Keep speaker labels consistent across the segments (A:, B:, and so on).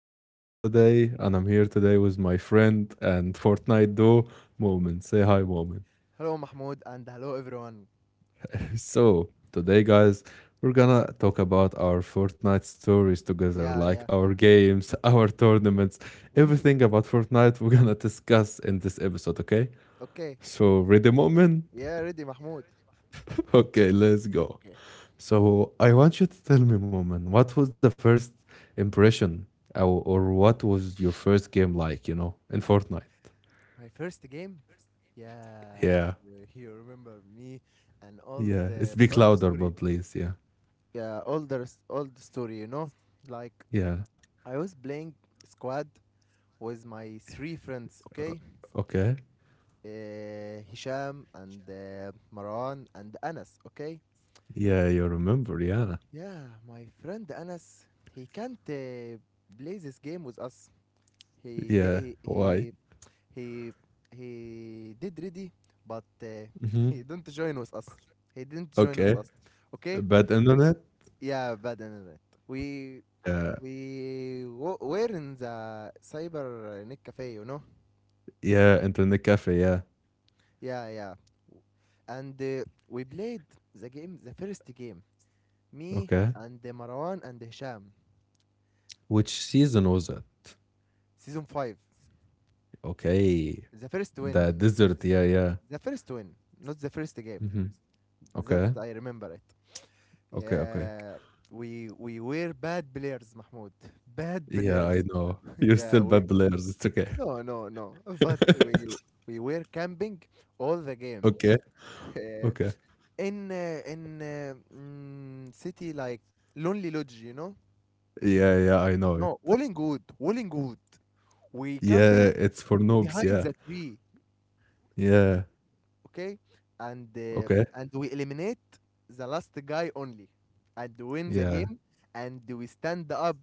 A: your host for the day, and I'm here today with my friend and Fortnite duo, Moment. Say hi, Moment.
B: Hello, Mahmoud, and hello, everyone.
A: So, today, guys, we're gonna talk about our Fortnite stories together,
B: Yeah,
A: like
B: yeah.
A: our games, our tournaments, everything about Fortnite we're gonna discuss in this episode, okay?
B: Okay.
A: So, ready, Moment?
B: Yeah, ready, Mahmoud.
A: Okay, let's go.
B: Okay.
A: So I want you to tell me, Moment, what was the first impression or what was your first game like, in Fortnite?
B: My first game? Yeah,
A: Yeah.
B: you, you remember me and all
A: Yeah. It's
B: the
A: big
B: all the
A: louder,
B: story.
A: but please. Yeah.
B: Yeah, all the story, you know? Like
A: Yeah.
B: I was playing squad with my three friends, okay?
A: Okay.
B: Hisham and Maran and Anas, okay?
A: Yeah, you remember, yeah.
B: Yeah, my friend Anas, he can't play this game with us. He
A: Yeah.
B: di- he
A: Why?
B: he he he did ready, but
A: Hmm.
B: he didn't join with us. he didn't join with
A: Okay.
B: us okay.
A: Bad internet?
B: Yeah, bad and right. we
A: Yeah.
B: we w- were in the cyber net cafe, you know.
A: Yeah, internet cafe, yeah.
B: Yeah, yeah. And we played the first game, me
A: Okay.
B: and Marwan and Hisham.
A: Which season was it?
B: Season 5.
A: Okay.
B: The first
A: The
B: win is
A: desert, yeah, yeah.
B: the first win, not the first game,
A: Hmm.
B: that
A: Okay.
B: I remember it.
A: Okay, okay.
B: Yeah, we were bad players, Mahmoud. Bad
A: Yeah,
B: players.
A: I know. You're still
B: Yeah, we
A: bad players. It's okay.
B: no, no, no. But we were camping all the game.
A: Okay.
B: Uh,
A: Okay.
B: City like Lonely Lodge, you know?
A: Yeah, yeah, I know it.
B: No, Wollingwood, Wollingwood. We
A: Yeah,
B: camping
A: it's for noobs.
B: behind
A: Yeah.
B: the tree.
A: Yeah.
B: Okay. and uh,
A: Okay.
B: and we eliminate the last guy only and win the
A: Yeah.
B: game, and we stand up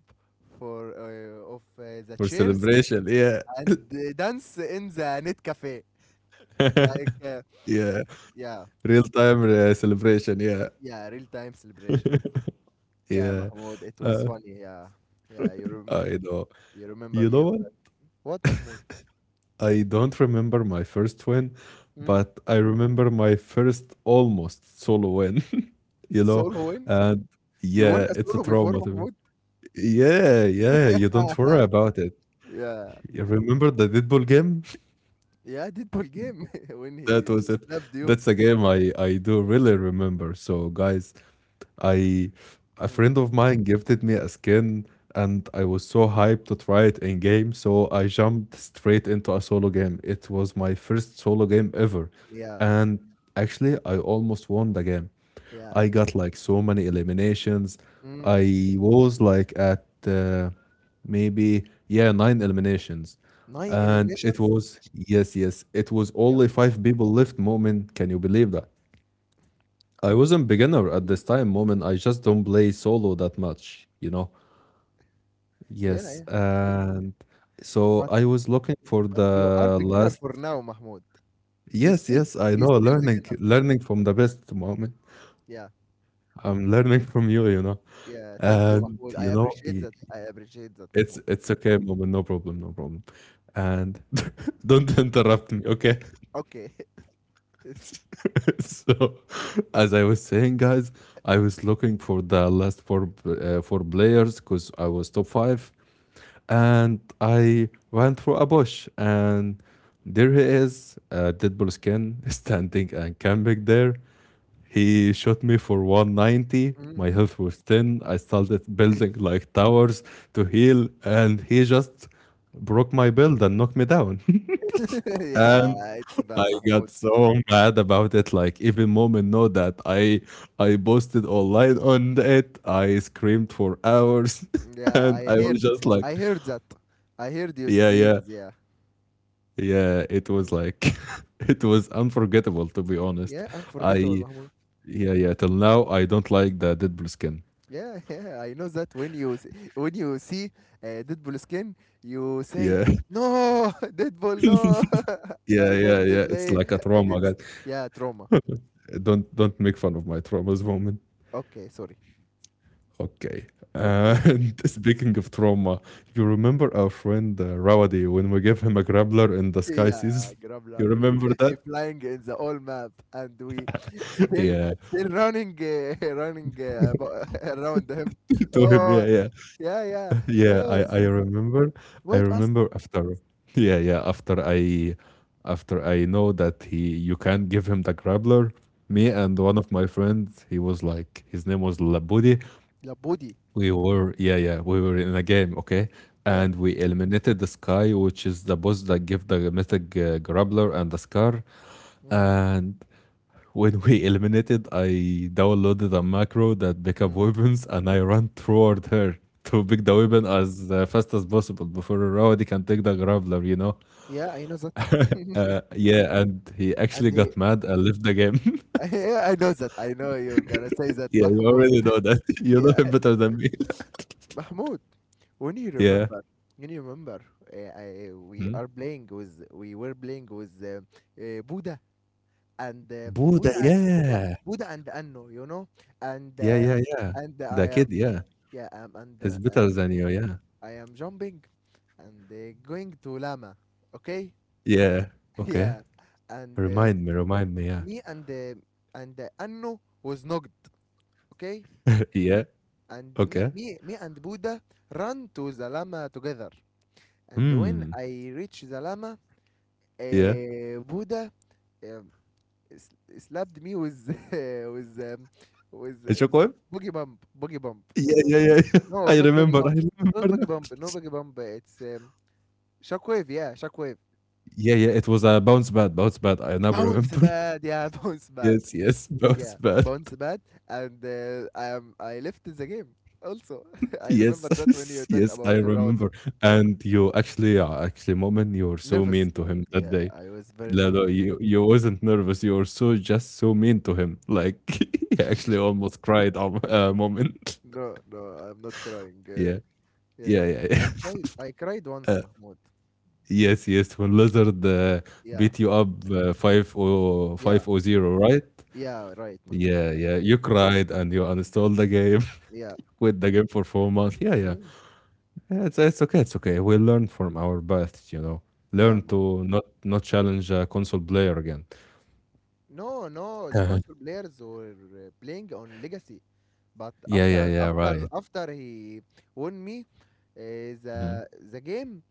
B: for of the
A: For
B: chairs,
A: celebration. Yeah.
B: and dance in the net cafe like,
A: Yeah.
B: yeah.
A: Real time celebration. Yeah.
B: Yeah, real time celebration. Yeah,
A: Yeah.
B: Mahmoud, it was
A: Uh,
B: funny. Yeah. yeah
A: I know.
B: You remember
A: You
B: me
A: know
B: of
A: what?
B: that? What, Mahmoud?
A: I don't remember my first win,
B: Mm.
A: but I remember my first almost solo win, you know?
B: Solo win.
A: And
B: You won
A: yeah,
B: a
A: it's a
B: solo before,
A: trauma to me.
B: Mahmoud?
A: Yeah, yeah, you don't worry about it.
B: yeah.
A: You remember the Deadpool game?
B: Yeah, Deadpool game, when
A: That was
B: he
A: it.
B: slapped you.
A: That's a game I do really remember. So guys, I a
B: Mm.
A: friend of mine gifted me a skin, and I was so hyped to try it in game, so I jumped straight into a solo game. It was my first solo game ever.
B: Yeah.
A: And actually I almost won the game.
B: Yeah.
A: I got like so many eliminations.
B: Mm.
A: I was like at maybe yeah nine eliminations,
B: Nine
A: and it
B: eliminations?
A: was, yes, yes, it was
B: Yeah.
A: only five people left. Moment, can you believe that? I wasn't beginner at
B: Mm.
A: this time. Moment, I just don't play solo that much.
B: Yeah,
A: Yes,
B: yeah, yeah.
A: and so
B: But
A: I was looking for
B: you are
A: the
B: beginner
A: last.
B: for now, Mahmoud. You
A: Yes,
B: still
A: yes, I
B: you
A: know,
B: still
A: learning
B: beginner.
A: learning from the best moment.
B: Yeah,
A: I'm learning from you, you know.
B: yeah. Thank you,
A: And
B: Mahmoud. I
A: you know,
B: appreciate
A: y-
B: that. I appreciate that,
A: It's
B: Mahmoud.
A: it's okay, Moment. No problem, no problem. And don't interrupt me, okay?
B: Okay.
A: So, as I was saying, guys, I was looking for the last four players because I was top five, and I went through a bush, and there he is, Deadpool skin standing and camping there. He shot me for 190.
B: Mm.
A: My health was 10. I started building like towers to heal, and he just broke my build and knocked me down. And
B: yeah, it's
A: I
B: bad,
A: got
B: Mahmoud.
A: so mad about it. Like even moment know that I posted online on it. I screamed for hours,
B: Yeah,
A: and
B: I
A: I was
B: heard.
A: just like,
B: I heard that. I heard your
A: yeah, yeah,
B: screams. Yeah.
A: yeah. It was
B: Mm.
A: like. It was unforgettable, to be honest.
B: Yeah, unforgettable,
A: I,
B: Mahmoud.
A: yeah, yeah. Till now, I don't like the Deadpool skin.
B: Yeah, yeah, I know that when when you see Deadpool skin, you say,
A: Yeah.
B: "No, Deadpool, no,
A: Yeah,
B: I
A: yeah,
B: don't
A: yeah. It's
B: play
A: like a trauma that
B: against." Yeah, trauma.
A: don't make fun of my traumas, woman.
B: Okay, sorry.
A: Okay.
B: Okay,
A: And speaking of trauma, you remember our friend Rawadi when we gave him a grappler in the sky
B: yeah,
A: season? You
B: Grablar,
A: remember
B: he
A: that?
B: flying in the whole map, and we still
A: Yeah.
B: still running, running, around him.
A: To him,
B: Oh,
A: yeah, yeah.
B: yeah, yeah.
A: Yeah, I,
B: Yes.
A: I remember. I
B: Wait us.
A: remember after, yeah, yeah, after I know that he you can't give him the grappler, me
B: Mm.
A: and one of my friends, he was like, his name was Labudi.
B: La body.
A: We were, yeah, yeah, we were in a game, okay?
B: Yeah.
A: And we eliminated the Sky, which is the boss that give the Mythic Grappler and the Scar.
B: Mm.
A: And when we eliminated, I downloaded a macro that pick up
B: Mm.
A: weapons, and I ran toward her to pick the
B: Mm.
A: weapon as fast as possible before Rawadi can take the Grappler, you know?
B: Yeah, I know that.
A: Yeah, and he
B: and
A: actually
B: he,
A: got mad and left the game.
B: Yeah, I know that. I know you're gonna say that,
A: Yeah, you
B: Mahmoud.
A: already know that. You know
B: Yeah,
A: him better than me.
B: Mahmoud. When you
A: Yeah.
B: remember, when you remember,
A: Hmm?
B: we were playing with Buddha and
A: Buddha, yeah.
B: Buddha and Anno, you know, and
A: Yeah,
B: uh,
A: yeah, yeah.
B: and I
A: The kid,
B: am,
A: yeah.
B: yeah, um, and
A: He's
B: uh,
A: better
B: um,
A: than you, yeah.
B: I am jumping and going to Lama, okay?
A: Yeah. Okay.
B: Yeah. and
A: Remind me, yeah.
B: Me and Anno was knocked, okay?
A: Yeah.
B: And
A: Okay.
B: me and Buddha run to the lama together. And when
A: Hmm.
B: I reach the lama,
A: Yeah.
B: Buddha um, s- slapped me with with
A: Chocoib?
B: boogie bump, boogie bump.
A: Yeah, yeah, yeah, yeah.
B: No, not boogie bump,
A: I remember
B: not boogie
A: now.
B: bump, no boogie bump. It's shockwave, yeah, shockwave.
A: Yeah, yeah, it was a bounce bad, bounce bad. I now
B: Bounce
A: remember.
B: bad, yeah, bounce bad,
A: Yes, yes, bounce
B: yeah,
A: bad.
B: bounce bad. And I left the game also. I remember that when
A: Yes,
B: you
A: yes,
B: talk
A: I
B: about the
A: remember.
B: road.
A: And you actually, Moment, you were so
B: Nervous.
A: mean to him that
B: Yeah,
A: day.
B: I was very
A: No, no,
B: nervous.
A: you wasn't nervous. You were so just so mean to him. Like he actually almost cried a moment.
B: No, no, I'm not crying.
A: Yeah, yeah,
B: Yeah,
A: yeah. Yeah.
B: I cried. I cried once,
A: Uh,
B: Mahmoud.
A: yes, yes. When Lizard
B: Yeah,
A: beat you up five o
B: yeah,
A: five o zero, right?
B: yeah. Right, Mahmoud.
A: Yeah,
B: Right.
A: yeah. You
B: Yeah,
A: cried and you uninstalled the game,
B: yeah.
A: quit the game for 4 months. Yeah, yeah.
B: Mm?
A: Yeah. It's okay. It's okay. We learn from our best. You know,
B: Yeah.
A: learn to not challenge a console player again.
B: No, no. The
A: Uh-huh.
B: console players were playing on Legacy, but
A: Yeah, yeah, yeah. Right.
B: after he won me,
A: Mhm.
B: the game,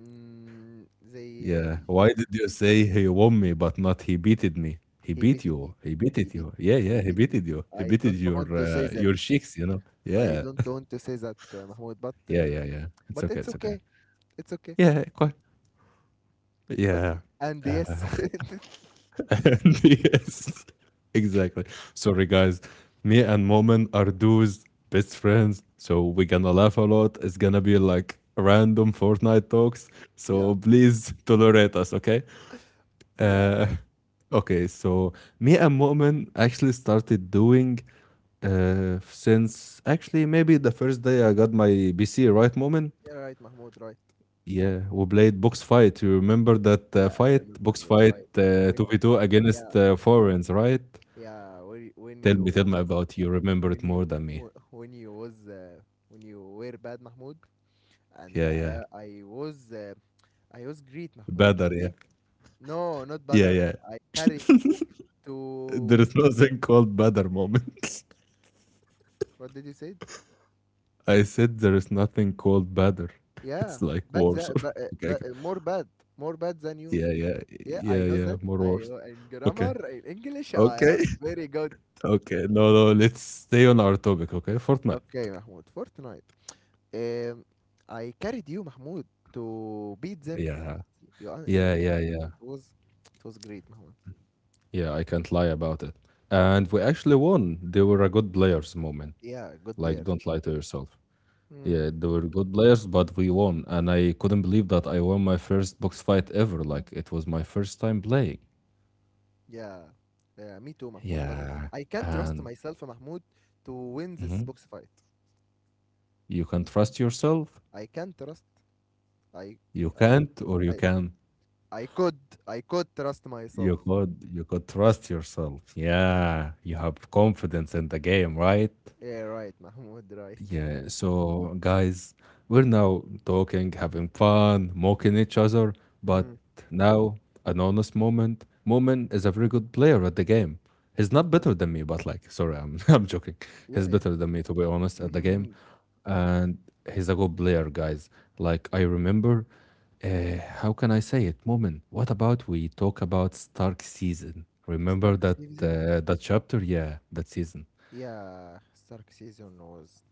B: mm, they
A: Yeah. Why did you say he won me but not he beated me? He
B: he
A: beat
B: beated
A: you.
B: me.
A: He
B: He
A: beated
B: beat,
A: you. Yeah, yeah,
B: he
A: he
B: beat me.
A: beated you. He
B: I
A: beated
B: don't
A: your
B: want to
A: uh,
B: say that.
A: your cheeks.
B: I
A: Yeah.
B: don't want to say that, Mahmoud, but
A: Yeah, yeah, yeah. It's okay,
B: it's
A: it's okay.
B: okay. It's okay.
A: Yeah, quite. Yeah.
B: Okay. And yes.
A: Uh, and yes. Exactly. Sorry, guys. Me and Moment are dudes, best friends, so we're gonna laugh a lot. It's gonna be like random Fortnite talks.
B: yeah.
A: So please tolerate us, okay?
B: Yeah.
A: Uh, okay, so me and Mu'min actually started doing since actually maybe the first day I got my PC, right, Mu'min?
B: Yeah, right, Mahmoud, right.
A: Yeah, we played box fight. You remember that
B: Yeah, I
A: fight,
B: remember
A: box
B: the
A: fight
B: fight. When
A: 2v2
B: yeah,
A: against foreigners, right?
B: yeah,
A: Tell me about you. Remember it more than me.
B: when you when you was uh, when you were bad, Mahmoud, and
A: Yeah, yeah.
B: I was I was great, Mahmoud,
A: Better, yeah.
B: okay? No, not
A: Yeah,
B: better.
A: yeah.
B: I carried you to.
A: There is nothing called better moments.
B: What did you say?
A: I said there is nothing called better.
B: Yeah,
A: It's like
B: bad
A: war,
B: that,
A: sorry. Okay.
B: but more bad than you.
A: Yeah, yeah,
B: Yeah, I
A: yeah,
B: know
A: yeah.
B: that.
A: More
B: I
A: wars.
B: In
A: Okay,
B: grammar in English I
A: okay,
B: am very good.
A: okay. No, no. Let's stay on our topic. Okay, Fortnite.
B: Okay, Mahmoud, Fortnite. Um, I carried you, Mahmoud, to beat them.
A: Yeah,
B: Yeah,
A: yeah,
B: yeah,
A: yeah, yeah,
B: it was, it was great, Mahmoud.
A: yeah. I can't lie about it. And we actually won. They were a good players moment.
B: Yeah, good
A: Like,
B: players.
A: don't lie to yourself.
B: Hmm.
A: Yeah, they were good players, but we won. And I couldn't believe that I won my first box fight ever. Like, it was my first time playing.
B: Yeah, yeah, me too, Mahmoud. But
A: Yeah,
B: I can't trust
A: and
B: myself, Mahmoud, to win this
A: mhm,
B: box fight.
A: you can trust yourself.
B: I can't trust. I,
A: You
B: I,
A: can't, or you
B: I,
A: can.
B: I I could trust myself.
A: You could trust yourself. Yeah, you have confidence in the game, right?
B: Yeah, right, Mahmoud, right.
A: Yeah, so guys, we're now talking, having fun, mocking each other, but
B: Mm.
A: now an honest moment. Moment is a very good player at the game. He's not
B: y-
A: better than me, but like, sorry, I'm I'm joking. He's
B: Yeah,
A: better
B: yeah.
A: than me, to be honest, at the game, and he's a good player, guys. Like I remember, how can I say it? Moment. What about we talk about Stark season? Remember
B: Stark
A: that
B: season?
A: uh, that chapter? Yeah, that season.
B: Yeah, Stark season was.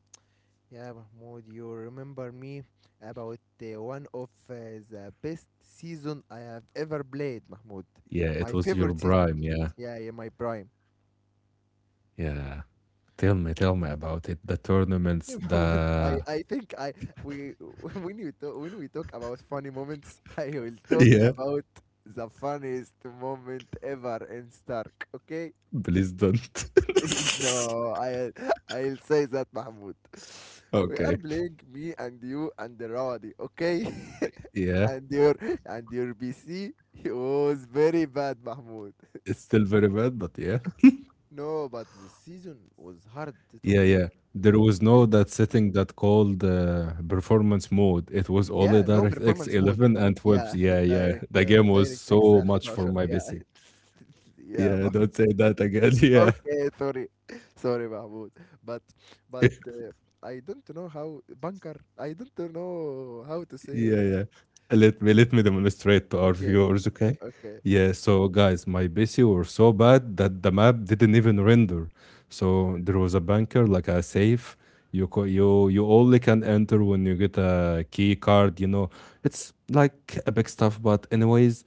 B: Yeah, Mahmoud, you remember me about one of the best season I have ever played, Mahmoud.
A: Yeah, it
B: My
A: was your
B: favorite season.
A: prime. Yeah.
B: Yeah, yeah, my prime.
A: Yeah. Tell me about it. The tournaments,
B: Okay, Mahmoud,
A: the
B: I think I we when we talk about funny moments, I will talk
A: Yeah,
B: about the funniest moment ever in Stark. Okay.
A: please don't.
B: No, I I'll say that, Mahmoud. We are
A: Okay.
B: playing, me and you and the Rawadi, okay?
A: Yeah.
B: and your and your BC was very bad, Mahmoud.
A: It's still very bad, but yeah.
B: No, but the season was hard to
A: Yeah,
B: play.
A: yeah. There was no
B: Okay?
A: that setting that called performance mode. It was only
B: Yeah, no
A: DirectX
B: performance mode.
A: 11 and 12.
B: Yeah,
A: Yeah, yeah. The game was
B: Direct X
A: so
B: 11.
A: much for my
B: Yeah.
A: PC.
B: yeah,
A: Yeah,
B: Mah-
A: don't say that again.
B: okay, sorry. Sorry, Mahmoud. But but
A: Yeah.
B: uh, I don't know how bunker. I don't know how to
A: Yeah,
B: say it.
A: yeah. Let me demonstrate to our
B: Okay,
A: viewers, okay?
B: okay.
A: Yeah, so guys, my PC were so bad that the map didn't even render. So there was a bunker, like a safe. You co- you only can enter when you get a key card. It's like epic stuff, but anyways,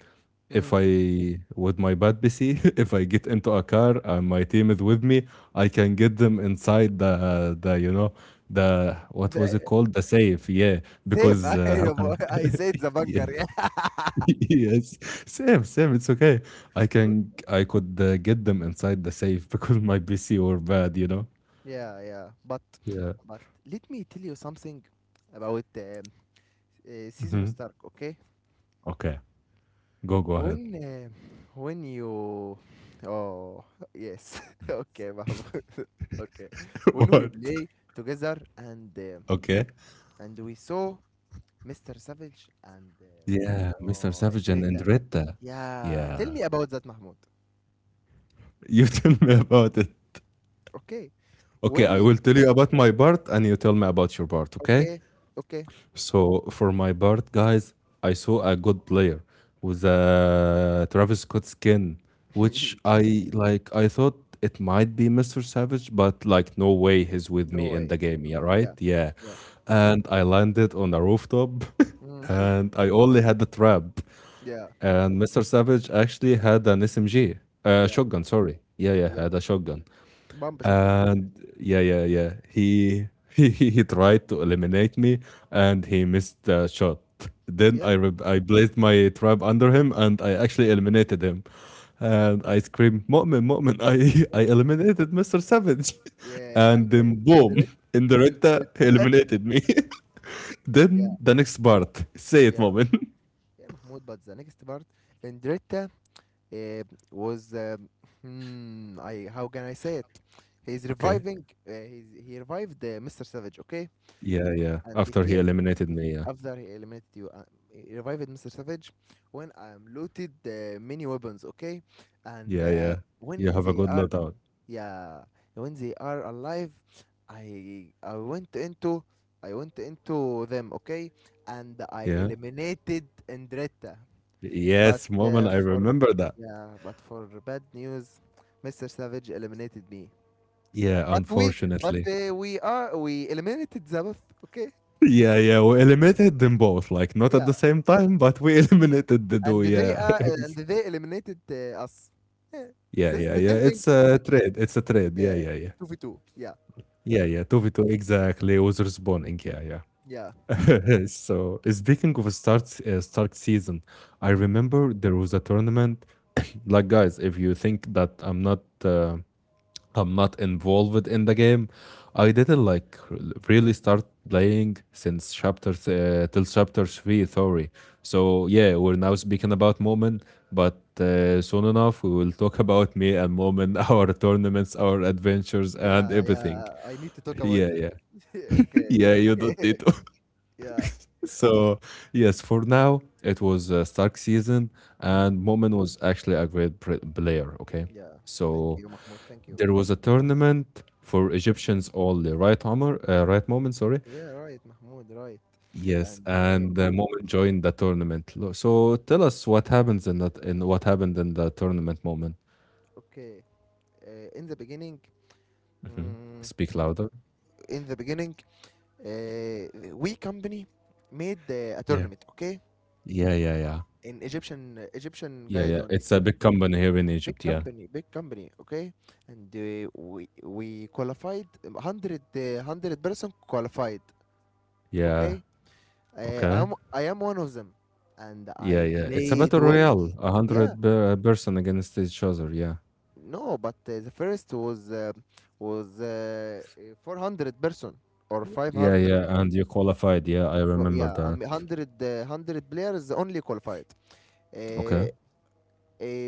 B: Mm.
A: if I with my bad PC, if I get into a car and my team is with me, I can get them inside the the what was it
B: The
A: called, the safe? Yeah,
B: save.
A: because how can I?
B: I said the
A: Yeah.
B: banker. Yeah.
A: Yes, safe, safe. It's okay. I could get them inside the safe because my PC were bad. You know.
B: Yeah, yeah. But
A: Yeah.
B: let me tell you something about
A: Hmm.
B: Season Stark, okay?
A: Okay. Go ahead.
B: When uh, when you. oh yes, okay, Babu. okay. When we
A: What?
B: play together,
A: Okay.
B: and we saw Mr. Savage and
A: Yeah, Mr.
B: oh,
A: Savage and
B: Andretta.
A: Andretta.
B: Yeah, tell
A: Yeah.
B: me about that, Mahmoud.
A: You tell me about it.
B: Okay.
A: Okay,
B: when
A: I will tell you about my part and you tell me about your part, okay?
B: Okay, okay.
A: So, for my part, guys, I saw a good player with a Travis Scott skin, which I like. I thought it might be Mr. Savage, but like, no way he's with
B: No
A: me in
B: way.
A: the game, yeah,
B: No.
A: right?
B: Yeah.
A: Yeah.
B: Yeah.
A: And I landed on a rooftop
B: Mm.
A: and I only had the trap.
B: Yeah.
A: And Mr. Savage actually had an SMG,
B: Yeah.
A: shotgun, sorry. Yeah, yeah,
B: Yeah.
A: had a shotgun.
B: Bump shotgun.
A: And yeah, yeah, yeah. He he tried to eliminate me, and he missed the shot. Then I
B: Yeah.
A: re I placed my trap under him, and I actually eliminated him. And I screamed, "Mu'min, Mu'min!" I I eliminated Mr. Savage,
B: Yeah. And
A: and then boom,
B: Endretta.
A: in the Rita, he
B: Endretta.
A: eliminated me.
B: yeah.
A: Then the next part, say it,
B: Yeah.
A: Mu'min.
B: Yeah, Mahmoud. But the next part, Endretta uh, was. Hmm. I. How can I say it? He's
A: Okay.
B: reviving. He revived Mr. Savage. Okay.
A: Yeah, yeah.
B: And they
A: After he
B: came.
A: eliminated me, yeah,
B: After he eliminated you, he revived Mr. Savage when I'm looted many weapons, okay? And
A: yeah, yeah. You have a good loadout.
B: yeah, when they are alive, I I went into I went into them, okay? And I
A: Yeah.
B: eliminated Andretta. But
A: Yes, Mu'min, I
B: for
A: remember that.
B: Yeah, but for bad news, Mr. Savage eliminated me.
A: Yeah,
B: But we but
A: unfortunately.
B: we eliminated Zabeth, okay?
A: Yeah, yeah, we eliminated them both, like not at
B: Yeah.
A: the same time, but we eliminated the
B: And
A: duo,
B: they,
A: yeah.
B: and they eliminated us. Yeah.
A: Yeah,
B: Since
A: yeah,
B: the
A: yeah.
B: same thing,
A: It's a trade. It's a trade. Yeah,
B: yeah,
A: yeah, yeah.
B: 2v2. Yeah, yeah,
A: Yeah, yeah. 2v2, exactly. Was responding. Yeah,
B: yeah,
A: yeah. So, speaking of Stark season, I
B: mm,
A: remember there was a tournament. Like, guys, if you think that I'm not involved in the game. I didn't like really
B: mm.
A: start playing till chapter three, sorry. So yeah, we're now speaking about Moment, but soon enough we will talk about me and Moment, our tournaments, our adventures,
B: Yeah,
A: and everything.
B: yeah. I need to talk about
A: Yeah,
B: this.
A: yeah,
B: okay,
A: yeah. You don't
B: okay.
A: need to.
B: yeah,
A: So yes, for now it was a Stark season,
B: mm,
A: and Moment was actually a great player. Okay,
B: yeah. Thank
A: so
B: you, Mahmoud. Thank you.
A: there was a tournament for Egyptians only, right, Amr? Right, Moment, sorry.
B: Yeah, right, Mahmoud. Right.
A: Yes,
B: And
A: and the Moment joined the tournament. So tell us what happens in that in what happened in the tournament, Moment.
B: Okay, in the beginning,
A: Hmm.
B: mm,
A: Speak louder.
B: in the beginning, uh, we company made a
A: Yeah.
B: tournament. Okay,
A: Yeah, yeah, yeah.
B: in Egyptian
A: Yeah,
B: guys
A: yeah.
B: only.
A: It's a big company here in
B: Big
A: Egypt, yeah.
B: company, big company, okay? And we qualified 100, 100-person qualified,
A: Yeah.
B: okay?
A: Okay.
B: I am one of them, and
A: Yeah,
B: I
A: yeah. It's a
B: played
A: battle
B: well.
A: royale, a
B: Yeah,
A: hundred person against each other. Yeah,
B: no, but the first was 400 person or
A: yeah,
B: 500.
A: yeah. And you qualified. Yeah, I
B: Well,
A: remember
B: yeah, I
A: that.
B: 100, 100 players only qualified. Uh,
A: Okay.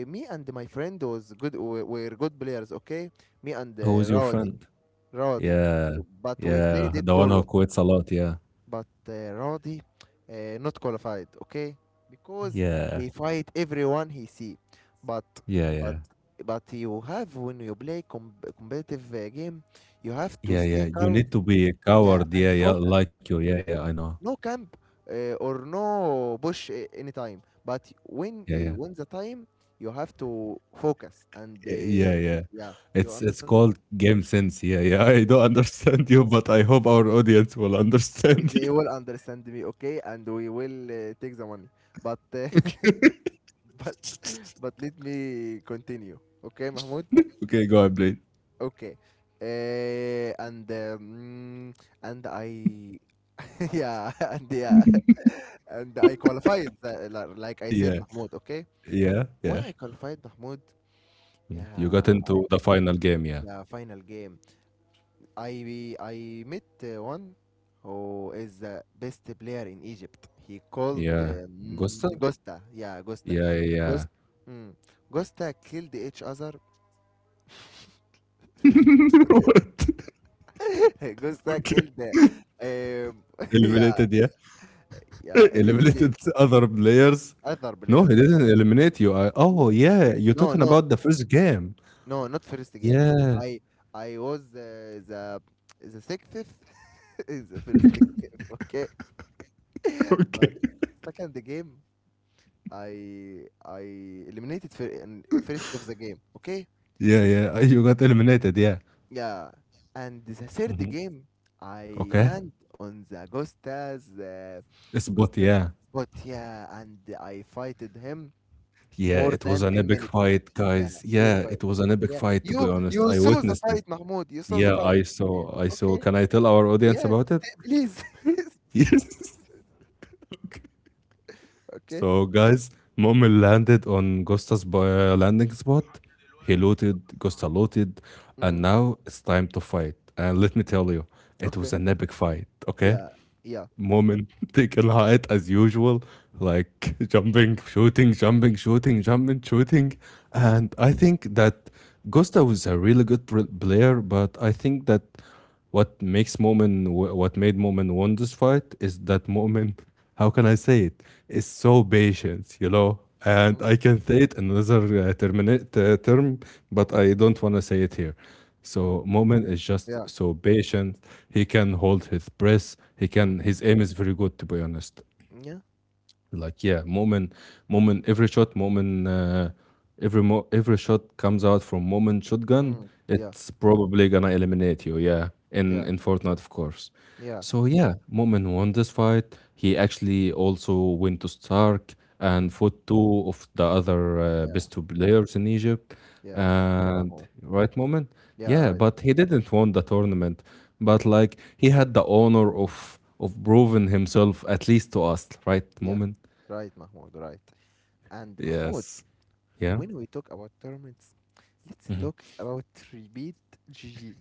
B: Me and my friend was good. We were good players, okay? Me and
A: Who is your
B: Rawadi.
A: friend?
B: Rodi.
A: Yeah.
B: But we
A: Yeah.
B: played it
A: The one who
B: solo.
A: quits a lot. Yeah.
B: But Rodi not qualified, okay? Because
A: Yeah.
B: he fight everyone he see. But
A: Yeah.
B: but
A: Yeah.
B: you have when you play competitive game, you have to
A: Yeah.
B: stay
A: Yeah. You
B: calm,
A: need to be a
B: yeah,
A: coward. Yeah.
B: and
A: Yeah.
B: focus.
A: Like you. Yeah. Yeah.
B: Focus.
A: I know.
B: No camp or no bush anytime. But
A: Yeah. Yeah.
B: when the time, you have to focus, and
A: Yeah. Yeah.
B: yeah, you
A: It's
B: understand that?
A: called game sense. Yeah. Yeah.
B: Okay.
A: I don't understand you, but I hope our audience will understand you.
B: They will understand me, okay, and we will take the money. But
A: Okay.
B: but but let me continue, okay, Mahmoud?
A: Okay. Go on, please.
B: Okay. Uh, and um, and I yeah and yeah and I qualified like I said,
A: Yeah.
B: Mahmoud. Okay.
A: Yeah.
B: when
A: Yeah.
B: I qualified Mahmoud
A: Mm. You got
B: Yeah,
A: into the final game. Yeah.
B: yeah, final game. I met one who is the best player in Egypt. He called
A: Yeah. Gusta?
B: Gosta. Yeah, Gosta.
A: Yeah. Yeah. Yeah.
B: Gost, mm, Gosta killed each other. Gosta
A: Okay.
B: killed. Yeah,
A: Eliminated. Yeah.
B: yeah. Eliminated me.
A: Eliminated other players.
B: Other
A: No, he
B: players.
A: didn't eliminate you. Oh,
B: No,
A: yeah, you're
B: no,
A: talking
B: no,
A: about the first game.
B: no. Not first game.
A: Yeah.
B: I I was the sixth in the first game. Okay, but
A: Okay.
B: second game, I eliminated in first of the game. Okay,
A: Yeah, yeah. You got eliminated. Yeah.
B: yeah. And the third
A: Mhm.
B: game, I
A: Okay.
B: land on the
A: It's, but.
B: Gusta's
A: Yeah.
B: spot. Yeah, and I fighted him
A: Yeah.
B: more
A: It was
B: than
A: an
B: ten
A: epic
B: minutes.
A: fight,
B: Yeah,
A: guys.
B: epic
A: Yeah.
B: fight.
A: It was an epic
B: Yeah,
A: fight, to be
B: you
A: honest.
B: you
A: I
B: saw the
A: witnessed it.
B: fight, Mahmoud. You saw the
A: Yeah.
B: fight.
A: I
B: Yeah,
A: saw. I saw.
B: okay.
A: Can I tell our audience about it?
B: Please. Please.
A: Yes.
B: Okay.
A: So, guys, Mommel landed on Gusta's landing spot. He looted, Gusta looted, and
B: Mm,
A: now it's time to fight. And let me tell you, it was
B: okay.
A: an epic fight, okay?
B: Yeah. Yeah.
A: Mommel taking height as usual, like jumping, shooting, jumping, shooting, jumping, shooting.
B: Mm,
A: And I think that Gusta was a really good player, but I think that what made Momin won this fight is that Momin, how can I say it? It's so patient, you know. And
B: mm,
A: I can say it in another term, but I don't want to say it here.
B: mm,
A: So Moment is just
B: yeah.
A: so patient. He can hold his breath. He
B: Mm,
A: can. His aim is very good, to be honest.
B: yeah.
A: Like, yeah, Moment, every shot moment, every shot comes out from moment shotgun.
B: Mm, yeah.
A: It's probably gonna eliminate you, yeah, in
B: Yeah,
A: in Fortnite, of course.
B: yeah,
A: So yeah, moment won this fight. He actually also went to Stark
B: mm,
A: and fought two of the other
B: yeah,
A: best two players in Egypt.
B: yeah. Thank you,
A: And
B: Mahmoud.
A: right, moment?
B: Yeah,
A: Yeah,
B: right.
A: but he didn't won the tournament, but like he had the honor of proving himself at least to us, right,
B: Yeah,
A: moment?
B: right, Mahmoud. Right. And Mahmoud,
A: Yes. Yeah.
B: when we talk about tournaments, let's talk about repeat GG.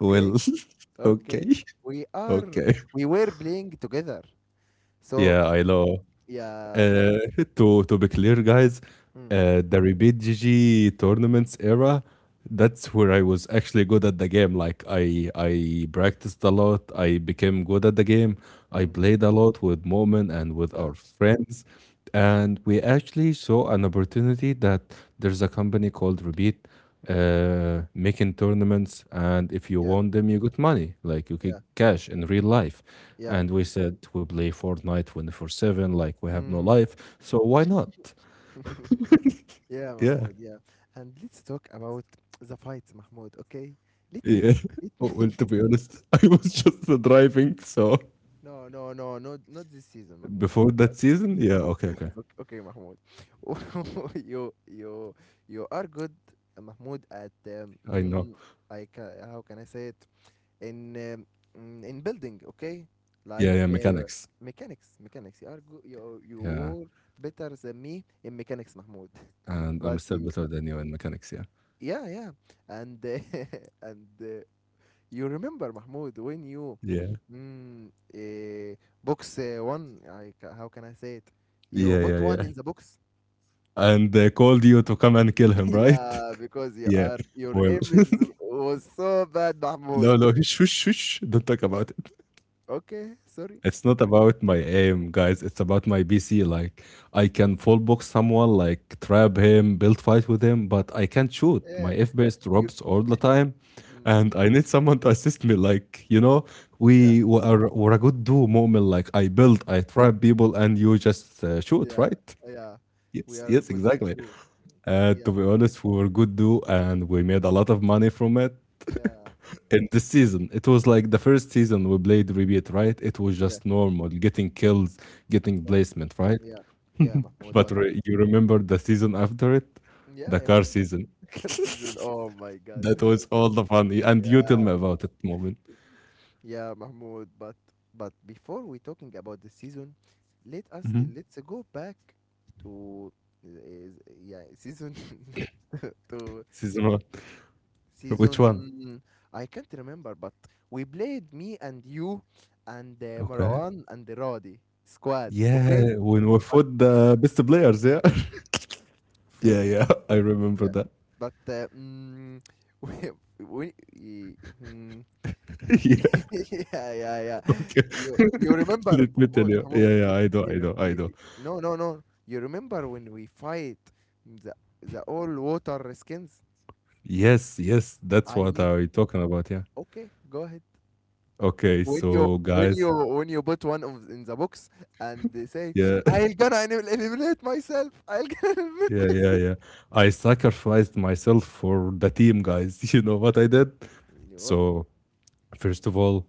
A: Well, okay,
B: okay. We are,
A: okay.
B: we were playing together. So
A: Yeah, I know.
B: yeah,
A: Uh, to be clear, guys,
B: mm,
A: the RBGG tournaments era, that's where I was actually good at the game. Like, I practiced a lot. I became good at the game. I
B: mm,
A: played a lot with Moment and with
B: yeah,
A: our friends, and we actually saw an opportunity that there's a company called Rebid, making tournaments, and if you
B: yeah,
A: won them, you got money, like you get
B: yeah,
A: cash in real life.
B: yeah.
A: And we said we play Fortnite 24/7, like we have no
B: Mm.
A: life, so why not?
B: Yeah,
A: Yeah,
B: Mahmoud. Yeah. And let's talk about the fights, Mahmoud. Okay. Let
A: yeah.
B: me, let
A: Oh, well, to
B: me.
A: be honest, I was just driving, so
B: No, no, no, not this season, Mahmoud.
A: before that
B: But
A: season, yeah,
B: before,
A: okay, okay,
B: okay, okay, Mahmoud, you you are good, Mahmoud, at
A: I know.
B: I ca how can I say it in in building, okay?
A: Yeah,
B: Like
A: yeah, mechanics.
B: mechanics, mechanics. You are good. You
A: Yeah,
B: were better than me in mechanics, Mahmoud.
A: and I'm
B: But
A: still
B: you,
A: better than you in mechanics. Yeah,
B: yeah, yeah, and and you remember Mahmoud when you
A: yeah,
B: mm, eh, box one? How can I say it?
A: yeah,
B: You
A: yeah,
B: put one
A: yeah.
B: in the box.
A: And they called you to come and kill him, right?
B: Yeah, because you
A: Yeah.
B: are your
A: Well,
B: was so bad, Mahmoud.
A: no, no, shush, shush. Shush. Don't talk about it.
B: Okay, sorry.
A: It's not about my aim, guys. It's about my BC. Like, I can full box someone, like, trap him, build fight with him, but I can't shoot.
B: Yeah,
A: My FPS
B: you.
A: drops all the
B: y-
A: time,
B: mm,
A: and I need someone to assist me. Like, you know,
B: yeah,
A: we're a good duo moment. Like, I
B: yeah,
A: build, I trap people, and you just shoot,
B: yeah,
A: right?
B: yeah. We
A: Yes,
B: are
A: yes,
B: good
A: exactly.
B: too.
A: To
B: Yeah,
A: be honest, we were good duo, and we made a lot of money from it.
B: yeah,
A: In this season it was like the first season we played repeat, right? It was
B: yeah,
A: just normal, getting kills, getting
B: yeah,
A: placement, right?
B: yeah, yeah, Mahmoud.
A: But
B: But
A: you remember the season after it,
B: yeah,
A: the
B: I
A: car
B: remember.
A: season?
B: Car season. Oh my God.
A: That was all the fun. And you tell
B: yeah.
A: me about it, moment.
B: Yeah, Mahmoud, but before we talking about the season,
A: Mhm.
B: let's go back to uh, yeah, season to
A: Season one.
B: season
A: Which one?
B: I can't remember, but we played me and you and
A: Okay,
B: Marwan and the Rodi squad, okay?
A: yeah, when we
B: But
A: fought the best players, yeah.
B: food
A: Yeah,
B: bes-
A: yeah, I remember
B: yeah,
A: that.
B: but we, we y- mm,
A: Yeah.
B: yeah, yeah, yeah.
A: Okay.
B: You you remember
A: Let me tell
B: Mahmoud,
A: you, yeah,
B: Mahmoud.
A: yeah, I do, I
B: You,
A: do,
B: rem-
A: I
B: you
A: do.
B: No, you remember when we fight the the all water skins?
A: Yes, yes, that's
B: I
A: what
B: need.
A: I talking about, yeah.
B: Okay, go ahead.
A: Okay,
B: When you
A: so
B: when
A: guys,
B: you when you put one of in the box and they say,
A: yeah,
B: "I'll gonna eliminate myself. I'll gonna eliminate
A: yeah, yeah,
B: myself."
A: yeah. I sacrificed myself for the team, guys. You know what I did?
B: You What?
A: So, first of all,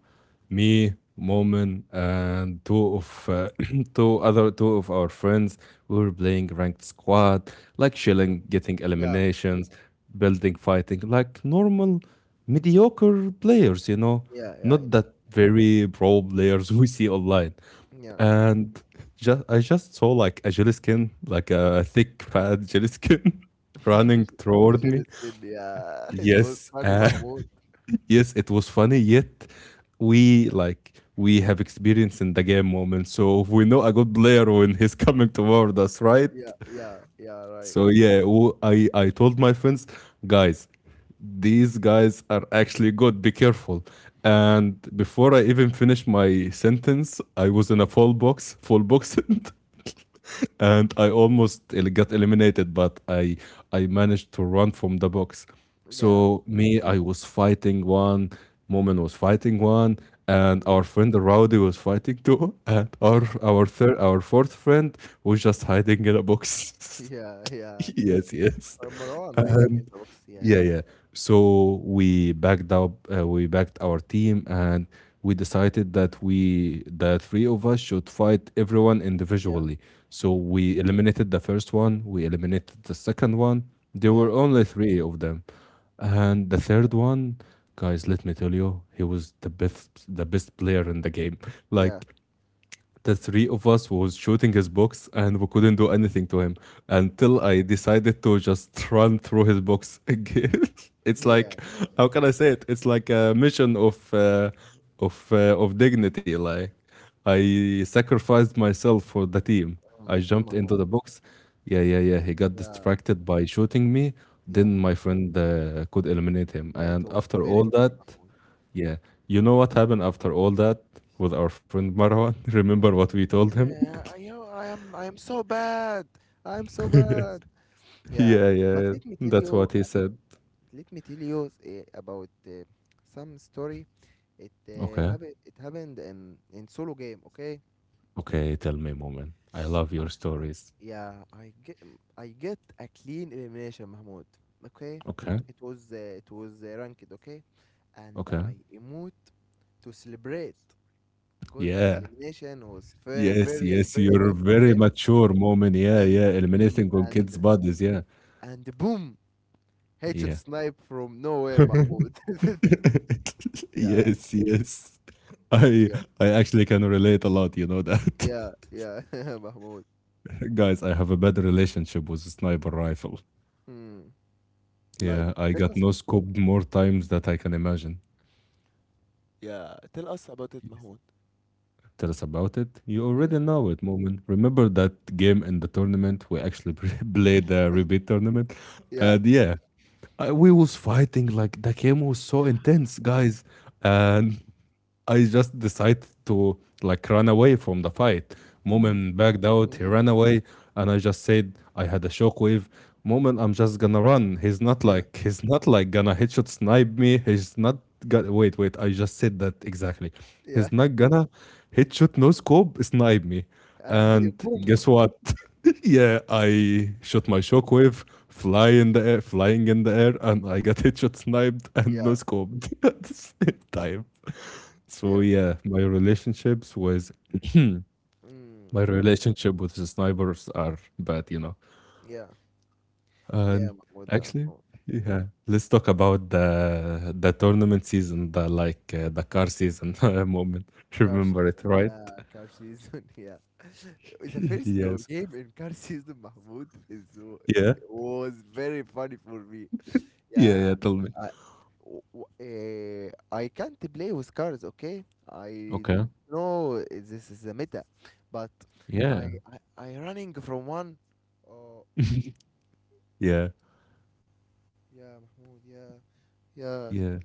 A: me, Momin, and two of two other two of our friends, we were playing ranked squad, like
B: Mm.
A: chilling, getting
B: Yeah,
A: eliminations, building, fighting, like normal mediocre players, you know,
B: yeah. I
A: not
B: know.
A: that very pro players we see online.
B: Yeah.
A: And just I just saw like a jelly skin, like
B: Mm.
A: a thick fat jelly skin running toward
B: Jin
A: me.
B: skin. Yeah, it was
A: Yes,
B: funny, Mahmoud.
A: yes, it was funny, yet we like, we have experience in the game moment, so we know a good player when he's coming toward us, right?
B: Yeah, yeah, yeah. Right.
A: So yeah, I told my friends, guys, these guys are actually good. Be careful. And before I even finished my sentence, I was in a fall box, and I almost got eliminated, but I managed to run from the box.
B: Yeah.
A: So me, I was fighting one, Moment was fighting one, and our friend Rowdy was fighting two, and our
B: Yeah,
A: our third our fourth friend was just hiding in a box.
B: yeah, yeah.
A: Yes, yes.
B: Or Marwan hiding in
A: And
B: the box.
A: yeah,
B: Yeah.
A: yeah. So we backed up, we backed our team, and we decided that we, the three of us, should fight everyone
B: Yeah.
A: individually. So
B: Mm.
A: we eliminated the first one, we eliminated the second one. There
B: Yeah.
A: were only three of them, and the
B: Yeah.
A: third one, guys. Let me tell you, he was the best player in the game.
B: Yeah.
A: Like the three of us was shooting his books and we couldn't do anything to him until I decided to just run through his books again. It's
B: Yeah.
A: like, how can I say it? It's like a mission of dignity. Like I sacrificed myself for the team. I
B: Mm. Mm,
A: jumped into
B: Mahmoud.
A: the books. Yeah, yeah, yeah. He got
B: Yeah.
A: distracted by shooting me.
B: Yeah.
A: Then my friend could eliminate him.
B: Yeah. It
A: And
B: was
A: after
B: very
A: all
B: funny,
A: that,
B: Mahmoud.
A: yeah. You know what happened after all that with our friend Marwan? Remember what
B: Y-
A: we told him?
B: Yeah, I know I am so bad. I am so bad. Yeah.
A: Yeah,
B: But
A: yeah.
B: let me tell
A: That's
B: you
A: what he
B: about
A: said.
B: let me tell you about some story. It uh,
A: Okay.
B: happened it happened in solo game, okay?
A: Okay, tell me, moment. I love
B: I,
A: your
B: I
A: stories.
B: yeah, I get a clean elimination, Mahmoud. Okay,
A: Okay.
B: it was ranked. Okay, and
A: Okay.
B: I emote to celebrate because the
A: Yeah.
B: elimination was
A: Yes, yes.
B: very
A: You're
B: good.
A: very
B: Okay,
A: mature, moment. Yeah,
B: and
A: yeah.
B: mm,
A: Eliminating on kids'
B: and
A: bodies. Yeah.
B: and boom, headshot
A: Yeah.
B: snipe from nowhere, Mahmoud. yeah
A: Yes, yes. I
B: yeah
A: I actually can relate a lot, you know that.
B: yeah, Mahmoud.
A: Guys, I have a bad relationship with a sniper rifle.
B: Hmm. Like
A: Yeah, I
B: tell
A: got
B: us.
A: no scoped more times that I can imagine.
B: Yeah, tell us about it,
A: Yes.
B: Mahmoud.
A: Tell us about it. You
B: Hmm?
A: already know it, Moment. Remember that game in the tournament? We actually played the rebate tournament.
B: Yeah.
A: And yeah, we was fighting, like the game was so
B: Yeah.
A: intense, guys. And I just decided to like run away from the fight.
B: Hmm.
A: Moment backed out, he ran away, and I just said I had a shockwave. Moment, I'm just gonna run. He's not,
B: yeah.
A: like, he's not, like, gonna headshot snipe me. He's not gonna wait, wait. I just said that exactly. He's
B: yeah,
A: not gonna headshot no scope snipe me.
B: and he
A: And
B: boom.
A: guess what? Yeah, I shot my shockwave, fly in the air, flying in the air, and I got headshot sniped and no
B: Yeah,
A: scoped at the same time. So
B: yeah.
A: yeah, my relationships with
B: Mm,
A: my relationship with the snipers are bad, you know.
B: yeah,
A: And
B: yeah, Mahmoud
A: actually,
B: Mahmoud.
A: yeah, let's talk about the tournament season, the car season moment.
B: Car
A: Remember
B: season,
A: it, right?
B: yeah, car season, yeah. The first
A: Yes.
B: game in car season, Mahmoud,
A: Yeah.
B: was very funny for me.
A: Yeah.
B: Yeah,
A: Yeah. Tell me.
B: I, w- w- uh, I can't play with cars, okay? I
A: Okay.
B: know this is a meta, but
A: Yeah.
B: I running from one. Oh,
A: Yeah.
B: yeah, Mahmoud, yeah, yeah.
A: Yeah.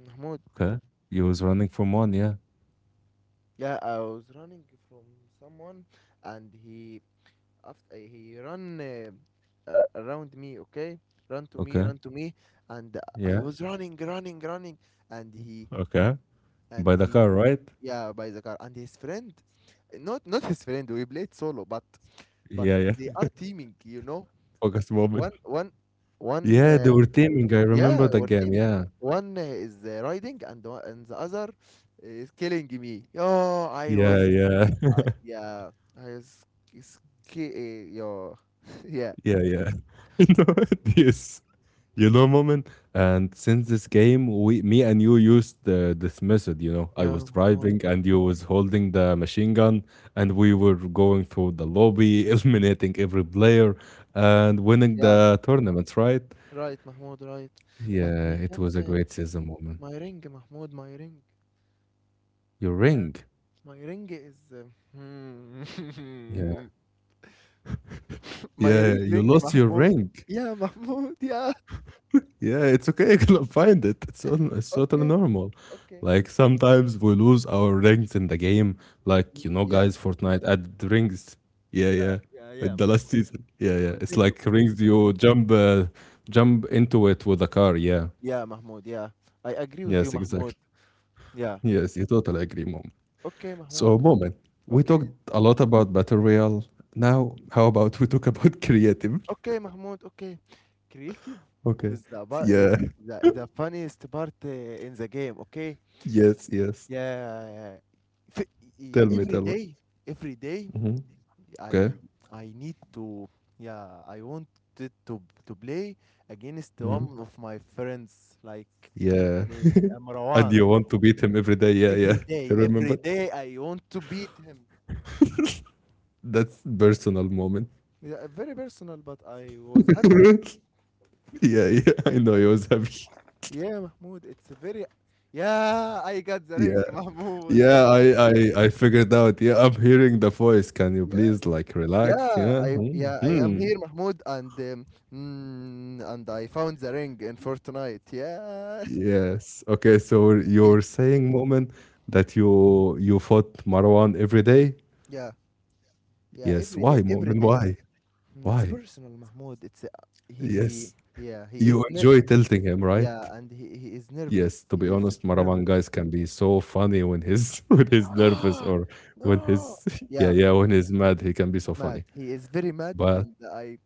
B: Mahmoud.
A: Okay. You was running from one. Yeah.
B: Yeah, I was running from someone, and he after he ran around me. Okay,
A: Okay.
B: run to me, and I
A: Yeah.
B: was running, and
A: Okay. By the
B: he
A: car, right?
B: yeah by the car and his friend, not his friend. We played solo, but but
A: Yeah. Yeah.
B: they are teaming. You know,
A: Focus moment.
B: one one one
A: Yeah, they were teaming. I
B: yeah,
A: remember the
B: we're
A: game.
B: teaming.
A: Yeah,
B: One is riding, and the other is killing me. Oh, I
A: yeah,
B: was
A: yeah,
B: I yeah, I s- ski your yeah.
A: yeah, yeah. You know this, moment. And since this game, we, me, and you used this method. You know, I
B: Yeah,
A: was
B: Mahmoud.
A: driving, and you was holding the machine gun, and we were going through the lobby, eliminating every player, and winning
B: Yeah.
A: the tournaments. Right?
B: Right, Mahmoud, right. But
A: Yeah,
B: I
A: it
B: can't
A: was a
B: take
A: great season moment.
B: my ring, Mahmoud, my ring.
A: Your
B: Yeah,
A: ring.
B: my ring is.
A: Yeah,
B: Hmm. My
A: yeah.
B: real
A: You
B: ring
A: lost your
B: Mahmoud.
A: ring.
B: Yeah, Mahmoud. Yeah.
A: Yeah, it's okay. You cannot find it. It's on, it's totally
B: Okay.
A: normal.
B: Okay.
A: Like sometimes we lose our rings in the game. Like, you know,
B: Yeah.
A: guys, Fortnite added rings. Yeah, yeah.
B: Yeah,
A: At the last
B: Mahmoud.
A: season. Yeah, yeah. It's
B: Continue,
A: like
B: continue.
A: rings. You jump into it with a car. Yeah.
B: Yeah, Mahmoud, yeah. I agree with you,
A: Yes, exactly.
B: Mahmoud. Yeah.
A: Yes, you totally agree, mom.
B: Okay, Mahmoud.
A: So, moment. We talked
B: Okay.
A: a lot about battle royale. Now, how about we talk about creative?
B: Okay, Mahmoud. Okay. Creative
A: Okay.
B: is
A: Yeah.
B: the funniest part in the game, okay?
A: Yes. Yes.
B: Yeah. f- e-
A: Tell me.
B: every
A: Tell me.
B: day, every day
A: Hmm. Okay.
B: I I need to I wanted to play against one of my friends like
A: Yeah. And
B: Amrawan.
A: you want to beat him every day. Yeah, yeah. I
B: Every
A: remember.
B: day I want to beat him.
A: That's personal moment.
B: Yeah, very personal, but I was happy.
A: Yeah, yeah. I know he was happy.
B: Yeah mahmoud it's a very Yeah, I got the
A: Yeah.
B: ring, Mahmoud, yeah.
A: Yeah, I figured out. Yeah, I'm hearing the voice. Can you
B: Yeah.
A: please, like, relax?
B: Yeah,
A: Yeah.
B: I I am
A: Hmm.
B: here, Mahmoud, and and I found the ring in Fortnite. Yeah.
A: Yes. Okay, so
B: Okay.
A: you're saying moment that you fought Marwan every day?
B: Yeah. Yeah.
A: Yes.
B: Every
A: Why,
B: day. Every
A: moment?
B: day.
A: Why?
B: It's
A: Why?
B: personal, Mahmoud. It's he he.
A: Yes.
B: Yeah.
A: You enjoy tilting him, right?
B: Yeah, and he is nervous.
A: Yes, to
B: He
A: be
B: is
A: honest, Maravan
B: nervous.
A: guys can be so funny when he's when he's nervous, or when
B: No.
A: he's yeah,
B: Yeah,
A: yeah, when he's mad, he can be so funny.
B: mad. He is very mad,
A: But
B: and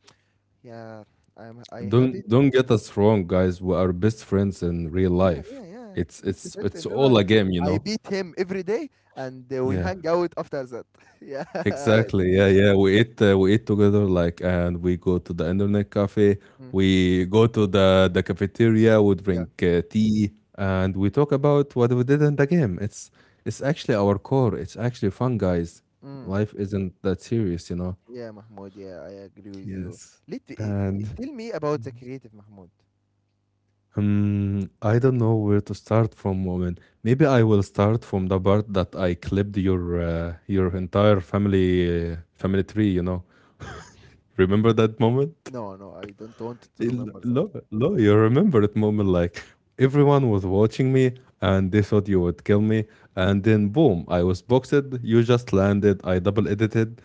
B: yeah I'm I happy.
A: don't get us wrong, guys. We are best friends in real
B: Yeah,
A: life.
B: yeah, yeah.
A: It's
B: Best
A: it's
B: friends
A: it's
B: in real
A: all
B: life.
A: a game, you
B: I
A: know.
B: beat him every day, and we
A: Yeah,
B: hang out after that. yeah,
A: exactly. Yeah, yeah. We eat together, like, and we go to the internet cafe.
B: mm,
A: We go to the cafeteria, we
B: yeah,
A: drink tea, and we talk about what we did in the game. It's actually our core. It's actually fun, guys.
B: mm,
A: Life isn't that serious, you know.
B: yeah, Mahmoud. Yeah, I agree with you.
A: Yes.
B: Let eh,
A: And
B: Tell me about the creative, Mahmoud.
A: I don't know where to start from, woman. Maybe I will start from the part that I clipped your entire family tree, you know. Remember that moment?
B: No, no, I don't want to remember that.
A: No, no, you remember that moment, like, everyone was watching me, and they thought you would kill me, and then boom, I was boxed. You just landed. I double edited,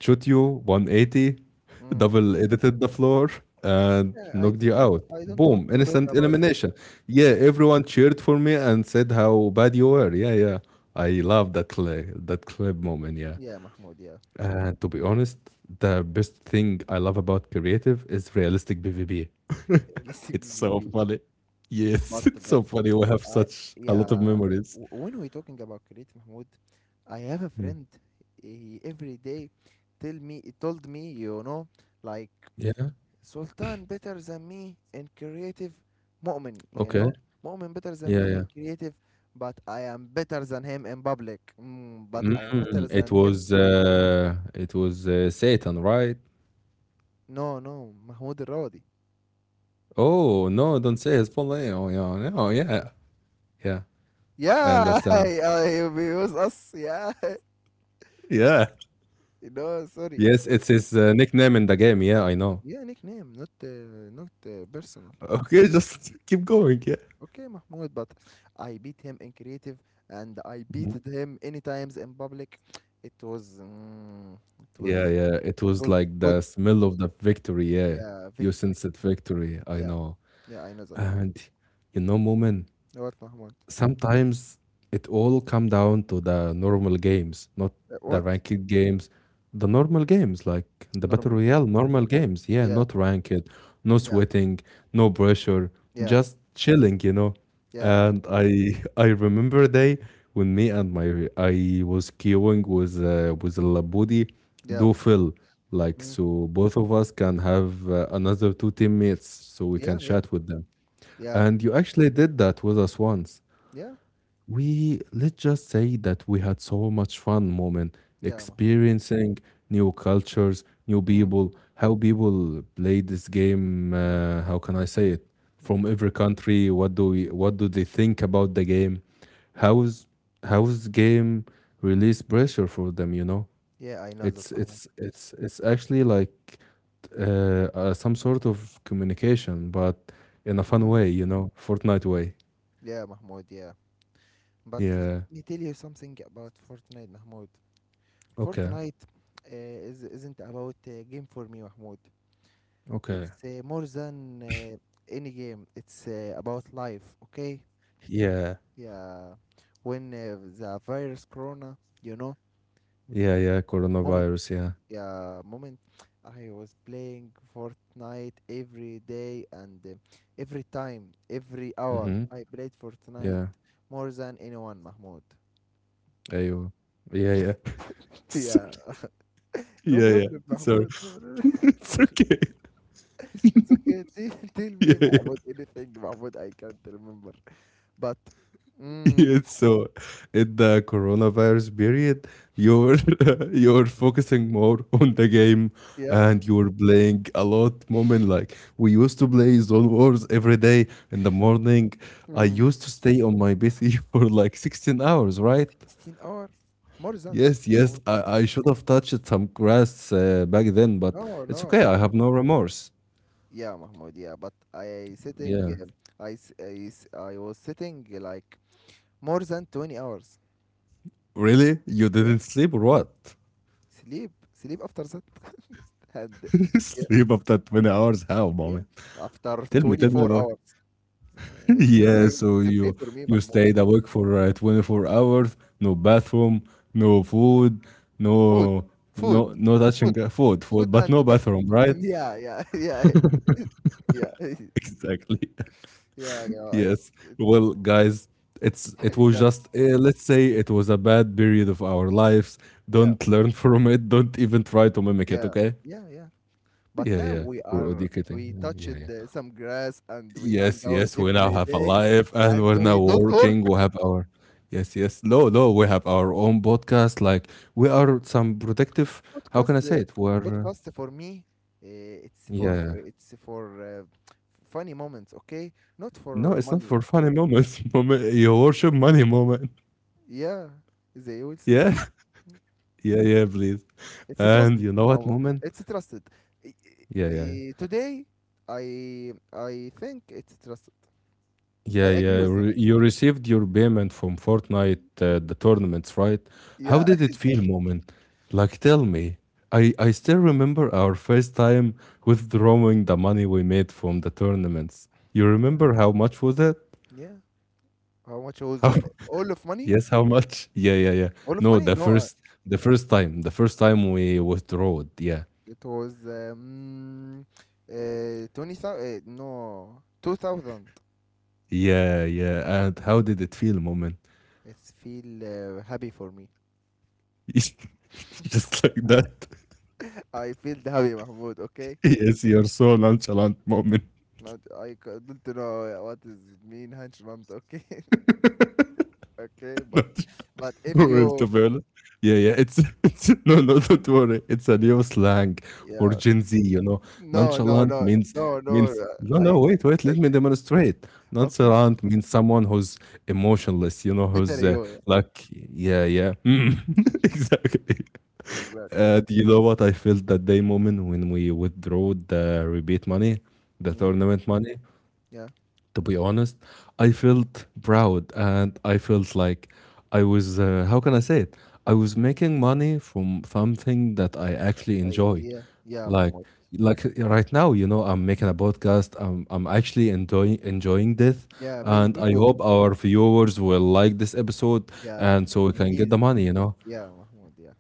A: shoot you 180,
B: Mm.
A: double edited the floor, and
B: Yeah, I
A: knocked you
B: don't.
A: out.
B: I don't
A: Boom,
B: want to talk
A: instant
B: about that.
A: elimination. Yeah,
B: Yeah, I,
A: everyone cheered for me and said how bad you were. Yeah, yeah. I love that clip moment. Yeah.
B: yeah, Mahmoud. Yeah,
A: And to be honest, the best thing I love about creative is realistic PvP.
B: let's
A: It's
B: be.
A: so
B: be-
A: funny. Yes, it's
B: But
A: so funny. We have
B: I
A: such a lot of
B: yeah.
A: memories.
B: W- When we talking about creative, Mahmoud, I have a
A: Mm.
B: friend. He every day tell me he told me, you know, like
A: Yeah.
B: Sultan better than me in creative, Mu'min, you
A: Okay.
B: know, Mu'min better than
A: Yeah.
B: me
A: Yeah.
B: in creative, but I am better than him in public. But I am better
A: Mm, it
B: than him.
A: was. Uh, it was uh, Satan, right?
B: No no Mahmoud Rawdi.
A: Oh no! Don't say his full name. Oh yeah. Oh yeah. Yeah. I
B: Yeah,
A: understand.
B: I abuse us. Yeah,
A: Yeah.
B: no, sorry,
A: Yes,
B: sorry.
A: it's his nickname in the game. Yeah, I know.
B: Yeah, nickname, not not person.
A: Okay, just keep going. Yeah.
B: Okay, Mahmoud, but I beat him in creative and I
A: Mhm.
B: beat him any times in public. It was, mm, it was,
A: Yeah. Yeah. It
B: it
A: was
B: was
A: like
B: good.
A: the smell of the victory. Yeah.
B: Yeah,
A: You
B: victory.
A: sense it victory. I
B: Yeah,
A: know.
B: yeah, I know that.
A: And, you know, Moomin,
B: What, Mahmoud?
A: sometimes it all come down to the normal games, not the
B: What?
A: ranked games. The normal games, like the Battle
B: Normal game.
A: Royale, normal games. Yeah,
B: Yeah,
A: not ranked, no
B: yeah,
A: sweating, no pressure,
B: yeah,
A: just chilling, you know.
B: yeah,
A: And I I remember a day when me and my I was queuing with with Labudi,
B: yeah,
A: do fill, like,
B: mm,
A: so both of us can have another two teammates, so we
B: yeah,
A: can
B: yeah,
A: chat with them.
B: yeah,
A: And you actually did that with us once.
B: yeah,
A: We let's just say that we had so much fun moment,
B: yeah, Mahmoud.
A: experiencing new cultures, new
B: Mm,
A: people, how people play this game,
B: mm,
A: how can I say it,
B: mm.
A: from every country. What do we what do they think about the game? How's how's game release pressure for them, you know?
B: Yeah, I know
A: it's
B: that, Mahmoud.
A: it's it's it's actually like some sort of communication, but in a fun
B: Mm,
A: way, you know, Fortnite way.
B: yeah, Mahmoud. Yeah, but let
A: Yeah.
B: me tell you something about Fortnite, Mahmoud.
A: Okay.
B: Fortnite isn't about a game for me, Mahmoud.
A: Okay.
B: It's more than any game. It's about life, okay?
A: Yeah.
B: Yeah. When the virus corona, you know,
A: Yeah, yeah,
B: moment,
A: coronavirus, yeah.
B: yeah, moment, I was playing Fortnite every day, and every time, every hour,
A: Mhm.
B: I played Fortnite
A: Yeah.
B: more than anyone, Mahmoud.
A: Ayo. Yeah, yeah. Sorry.
B: yeah. No
A: Yeah, yeah.
B: problem,
A: Sorry.
B: Mahmoud. No.
A: It's okay.
B: It's okay. Tell, tell
A: Yeah,
B: me
A: yeah.
B: Mahmoud. Anything, Mahmoud? I can't remember. But
A: Yeah,
B: mm,
A: so in the coronavirus period, you're you're focusing more on the game,
B: yeah,
A: and you're playing a lot moment, like we used to play Zone Wars every day in the morning. I
B: mm,
A: used to stay on my PC for like 16 hours, right?
B: 16 hour, more than that.
A: Yes, yes,
B: More.
A: I should have touched some grass back then, but
B: No,
A: it's okay.
B: no.
A: I have no remorse.
B: Yeah, Mahmoud. Yeah, but I sitting.
A: Yeah.
B: I was sitting like more than 20 hours.
A: Really? You
B: Yeah,
A: didn't sleep or what?
B: sleep after that and yeah
A: Sleep after 20 hours? How, mommy?
B: yeah after
A: Tell me
B: 24
A: about.
B: hours. It's
A: Yeah,
B: okay.
A: so
B: It's okay
A: you
B: for me,
A: you
B: Mahmoud.
A: stayed awake for 24 hours, no bathroom, no food,
B: Food,
A: no
B: food,
A: no
B: food,
A: touching food,
B: food,
A: but
B: and
A: no bathroom, right?
B: Yeah, yeah, yeah, yeah,
A: Exactly.
B: yeah, you know,
A: Yes. Well, guys, it's it
B: it,
A: was
B: got it.
A: just let's say it was a bad period of our lives.
B: Yeah,
A: Don't learn from it. Don't even try to mimic it.
B: yeah,
A: Okay?
B: yeah. But
A: Yeah,
B: now
A: yeah.
B: we
A: We're
B: are,
A: educating.
B: we touched
A: Yeah, yeah, yeah.
B: some grass and we hang
A: Yes,
B: out
A: yes. We now
B: every
A: have a
B: day
A: life, and
B: and
A: we're now
B: we don't
A: working.
B: work.
A: We have our yes, yes. No, no. We have our own podcast. Like, we are some protective. How can
B: Podcast,
A: I
B: uh,
A: say it? We're
B: podcast for me,
A: yeah.
B: it's for funny moments, okay? Not
A: No,
B: for
A: it's not
B: money.
A: for funny moments. Moment, your worship money moment.
B: Yeah, they will send
A: Yeah,
B: it.
A: yeah, yeah. Please.
B: It's
A: And
B: trusted,
A: you know what,
B: Mama.
A: Moment?
B: It's trusted. I-
A: Yeah, yeah.
B: I- Today, I think it's trusted. I
A: Yeah,
B: agree
A: yeah. You
B: with that.
A: re- you received your payment from Fortnite, the tournaments, right? How
B: Yeah,
A: did it feel, Moment? Like, tell me. I still remember our first time withdrawing the money we made from the tournaments. You remember how much was it?
B: yeah. How much was
A: How?
B: that? All of money?
A: Yes, how much? Yeah, yeah, yeah.
B: All of
A: No,
B: money?
A: the
B: No,
A: first the first time, the first time we withdrew. Yeah.
B: it was 20,000. No, 2,000.
A: Yeah, yeah. And how did it feel, Moment?
B: It's feel happy for me.
A: Just like that.
B: I feel happy, Mahmoud. Okay.
A: Yes, you're so nonchalant, Moment.
B: Not, I don't know what is mean hunch, okay. Okay, but if
A: No, well,
B: you,
A: to be honest. Yeah, yeah. It's it's no, no. Don't worry. It's a new slang for
B: yeah.
A: Gen Z. You know,
B: No, no,
A: nonchalant
B: no,
A: means
B: no, no.
A: means no,
B: I,
A: no. Wait, wait. Let
B: I,
A: me demonstrate.
B: okay.
A: Nonchalant means someone who's emotionless. You know,
B: Better
A: who's
B: you,
A: like, yeah, yeah. Mm. Exactly.
B: yeah. Exactly.
A: Do you know what I felt that day moment when we withdrew the rebate money, the
B: Yeah,
A: tournament money?
B: yeah.
A: To be honest, I felt proud, and I felt like how can I say it? I was making money from something that I actually enjoy.
B: Yeah, yeah,
A: Like,
B: Mahmoud.
A: like right now, you know, I'm making a podcast. I'm actually enjoying this,
B: Yeah, me,
A: and
B: me
A: I
B: too.
A: hope our viewers will like this episode,
B: Yeah,
A: and so we can get the
B: please.
A: money. You know,
B: Yeah, Mahmoud. Yeah,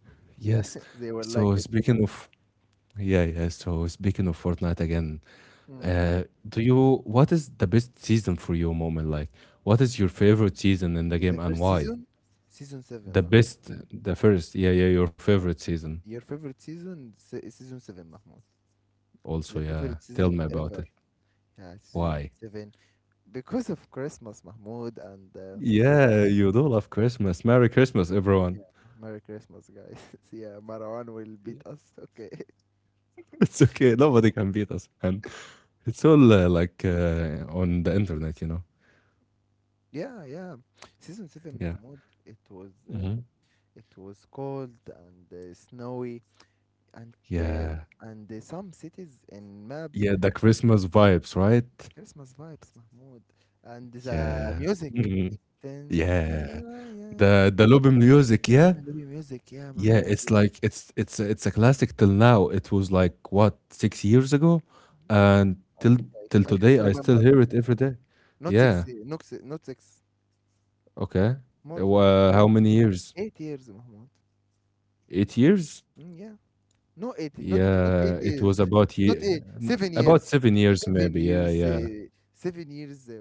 B: yeah.
A: yes.
B: They were like
A: So
B: it.
A: speaking of Yeah, yeah. So speaking of Fortnite again,
B: Mm.
A: do you what is the best season for you, moment? Like, what is your favorite season in the
B: Is
A: game,
B: The
A: and
B: first
A: why?
B: season, season
A: The
B: seven, Mahmoud.
A: best, the first, yeah, yeah, your favorite season.
B: Your favorite season, se season seven, Mahmoud.
A: Also,
B: The
A: yeah.
B: favorite
A: Tell
B: season
A: me about
B: ever.
A: it.
B: Yeah, season
A: Why?
B: seven. Because of Christmas, Mahmoud, and
A: Yeah, you do love Christmas. Merry Christmas, everyone.
B: yeah, Merry Christmas, guys. yeah, Marwan will beat us. Okay.
A: It's okay. Nobody can beat us, and it's all like on the internet, you know.
B: Yeah, yeah. Season seven,
A: Yeah.
B: Mahmoud. It was uh,
A: Mhm.
B: it was cold and snowy, and
A: Yeah.
B: some cities in map.
A: Yeah, the Christmas vibes, right?
B: Christmas vibes, Mahmoud. And the
A: Yeah.
B: music, then
A: Yeah,
B: yeah, yeah,
A: the Lofi music,
B: yeah,
A: yeah?
B: Libyan music, yeah,
A: Yeah,
B: Mahmoud,
A: it's
B: yeah,
A: like it's a classic till now. It was
B: yeah.
A: like, what, 6 years ago? And till
B: I can't
A: today I still
B: remember.
A: hear it every day. Yeah,
B: Not six.
A: okay.
B: More than
A: Wha how many years?
B: 8 years, Mahmoud.
A: 8 years?
B: Mm, yeah. No 80, not
A: Yeah,
B: 8
A: it was
B: years.
A: about
B: Not
A: ye
B: 8, 7
A: about
B: years.
A: 7 years
B: 7
A: maybe. Yeah,
B: years
A: yeah.
B: uh, 7 years uh,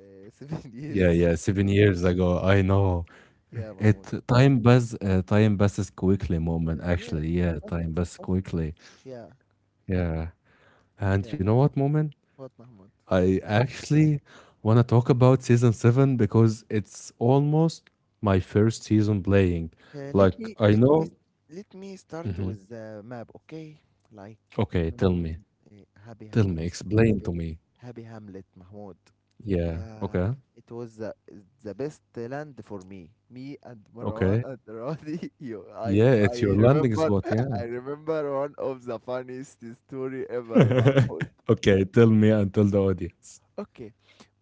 B: uh, 7
A: Yeah,
B: years.
A: yeah, 7 years ago. I know.
B: Yeah,
A: It
B: Mahmoud.
A: time pass Time passes quickly moment,
B: Yeah,
A: actually. Yeah,
B: fast
A: time passes
B: fast.
A: quickly.
B: Yeah.
A: Yeah. And
B: Yeah,
A: you know what, Moment?
B: what Mahmoud?
A: I actually want to talk about season 7, because it's almost my first season playing.
B: Uh, let me
A: Like, I
B: let me
A: know.
B: let me start
A: Mhm.
B: with the map, okay? Like
A: Okay, tell
B: mm,
A: me.
B: uh, Happy
A: Tell me.
B: Hamlet.
A: Explain
B: Happy
A: to me.
B: Happy Hamlet, Mahmoud.
A: Yeah.
B: Yeah,
A: Okay.
B: it was the best land for me. Me and Marwan
A: Okay.
B: and Rodi. You,
A: Yeah,
B: I
A: it's your landing
B: remember,
A: spot. Yeah.
B: I remember one of the funniest story ever, Mahmoud.
A: Okay, tell me and tell the audience.
B: Okay,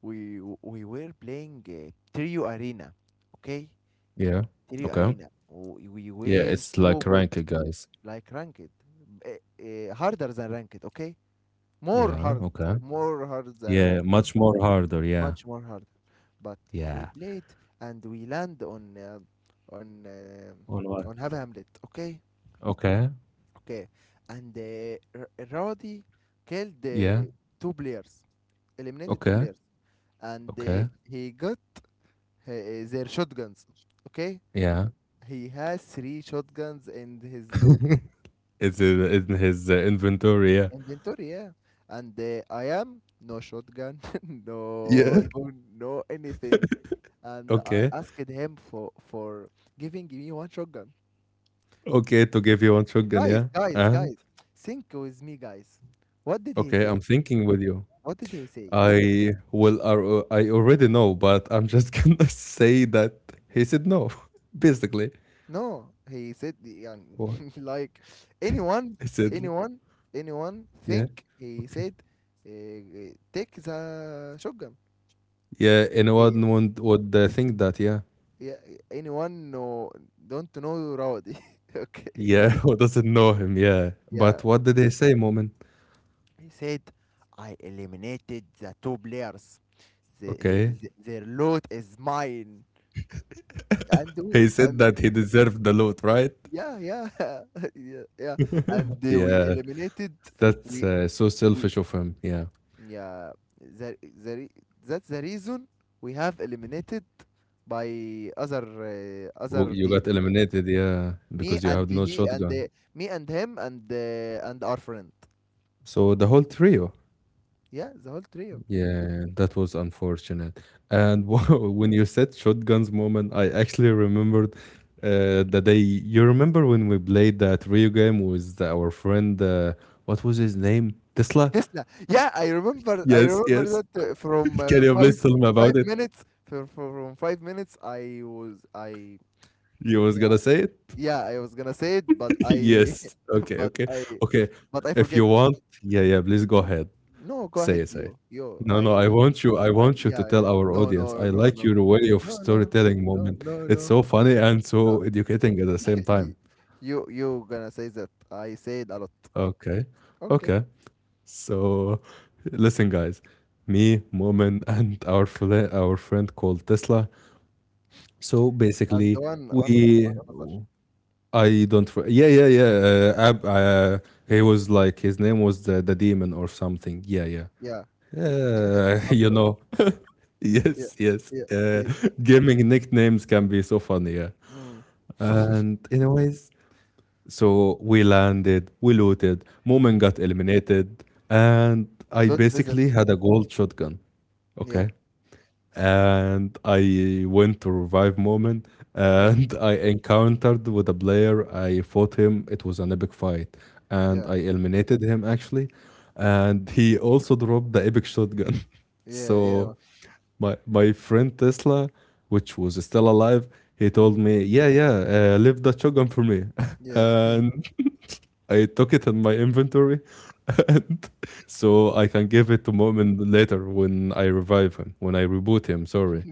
B: we were playing Trio Arena. Okay,
A: Yeah.
B: Trio
A: Okay.
B: Arena. We
A: Yeah,
B: were
A: it's
B: so
A: like
B: good,
A: rank, guys.
B: like ranked, uh, harder than ranked. Okay, more
A: Yeah.
B: hard,
A: Okay.
B: more hard than
A: Yeah,
B: ranked.
A: much more harder. Yeah.
B: Much more harder. But we
A: Yeah.
B: played and we land on
A: On what?
B: on Hab Hamlet. Okay,
A: Okay.
B: okay. And Roddy killed
A: Yeah.
B: two players, eliminated two
A: Okay.
B: players, and
A: Okay.
B: he got their shotguns. Okay,
A: Yeah.
B: he has three shotguns in his loot
A: It's in his inventory, yeah.
B: inventory, yeah. And I am no shotgun, no
A: Yeah.
B: weapon, no anything. And I
A: Okay.
B: asked him for giving me one shotgun.
A: Okay, to give you one shotgun, yeah.
B: Guys, guys,
A: And
B: guys, think with me, guys. What did he
A: okay, I'm
B: say?
A: thinking with you.
B: What did he say?
A: I already know, but I'm just gonna say that he said no, basically.
B: No, he said
A: Or
B: like anyone,
A: he said,
B: anyone, anyone
A: yeah,
B: think he
A: okay.
B: said take the shotgun.
A: Yeah,
B: He,
A: anyone would think that, yeah.
B: yeah, anyone no don't know Rowdy. Okay.
A: Yeah, who doesn't know him, yeah.
B: Yeah,
A: But what did he say, Moment?
B: he said, I eliminated the two players.
A: Okay.
B: Their loot is mine. And we
A: He said
B: and
A: that he deserved the loot, right?
B: Yeah, yeah, yeah, yeah. And we
A: Yeah,
B: eliminated.
A: that's
B: We
A: so
B: we
A: selfish of him. Yeah.
B: Yeah. That the, re- that's the reason we have eliminated by
A: Well,
B: other
A: you got
B: team.
A: eliminated, yeah,
B: Me
A: because you
B: and
A: had no
B: he and
A: shotgun.
B: uh, Me and him and our friend.
A: So the whole trio.
B: Yeah, the whole trio.
A: Yeah, that was unfortunate. And when you said shotguns moment, I actually remembered the day. You remember when we played that Rio game with our friend, what was his name? Tesla?
B: Tesla. Yeah, I remember. I
A: Yes,
B: remember
A: yes.
B: that from
A: Can you
B: five
A: please tell me about
B: five
A: it?
B: minutes. From 5 minutes, I was I
A: You was gonna
B: yeah,
A: say it?
B: yeah, I was gonna say it, but I
A: Yes. Okay,
B: but
A: okay.
B: I
A: Okay.
B: but I
A: If
B: forget.
A: you want, yeah, yeah, please go ahead.
B: No, go
A: Say
B: ahead,
A: it, say it.
B: yo yo.
A: No, no, I want you
B: I
A: to
B: Yeah, yeah.
A: tell our
B: No,
A: audience.
B: no,
A: I
B: no,
A: like
B: no,
A: your way of
B: no, no,
A: storytelling
B: no,
A: moment.
B: no,
A: It's
B: no,
A: so funny and
B: no.
A: so educating at the same time.
B: You gonna say that I said a lot.
A: Okay.
B: Okay,
A: Okay. So listen guys. Me, Moment, and our friend called Tesla. So
B: and
A: basically we,
B: one another.
A: I don't yeah, yeah, yeah, uh, Ab- uh, he was like his name was the demon or something, yeah, yeah.
B: Yeah,
A: You
B: Abdul.
A: know.
B: Yeah,
A: Yes, yes.
B: yeah. Yeah.
A: Gaming nicknames can be so funny. Yeah.
B: Mm.
A: And anyways, so we landed, we looted, Moomin
B: Mm.
A: got eliminated, and I
B: Don't say that.
A: basically had a gold shotgun.
B: Yeah,
A: Okay, and I went to revive moment
B: yeah,
A: and I encountered with a player. I fought him. It was an epic fight, and
B: yeah,
A: I eliminated him actually. And he also dropped the epic shotgun.
B: yeah, yeah.
A: So my friend Tesla, which was still alive, he told
B: Mm.
A: me, "Yeah, yeah, leave that shotgun for me,"
B: Yeah,
A: and I took it in my inventory, and so I can give
B: yeah.
A: it to Mu'min later when I revive him, when I reboot him, sorry.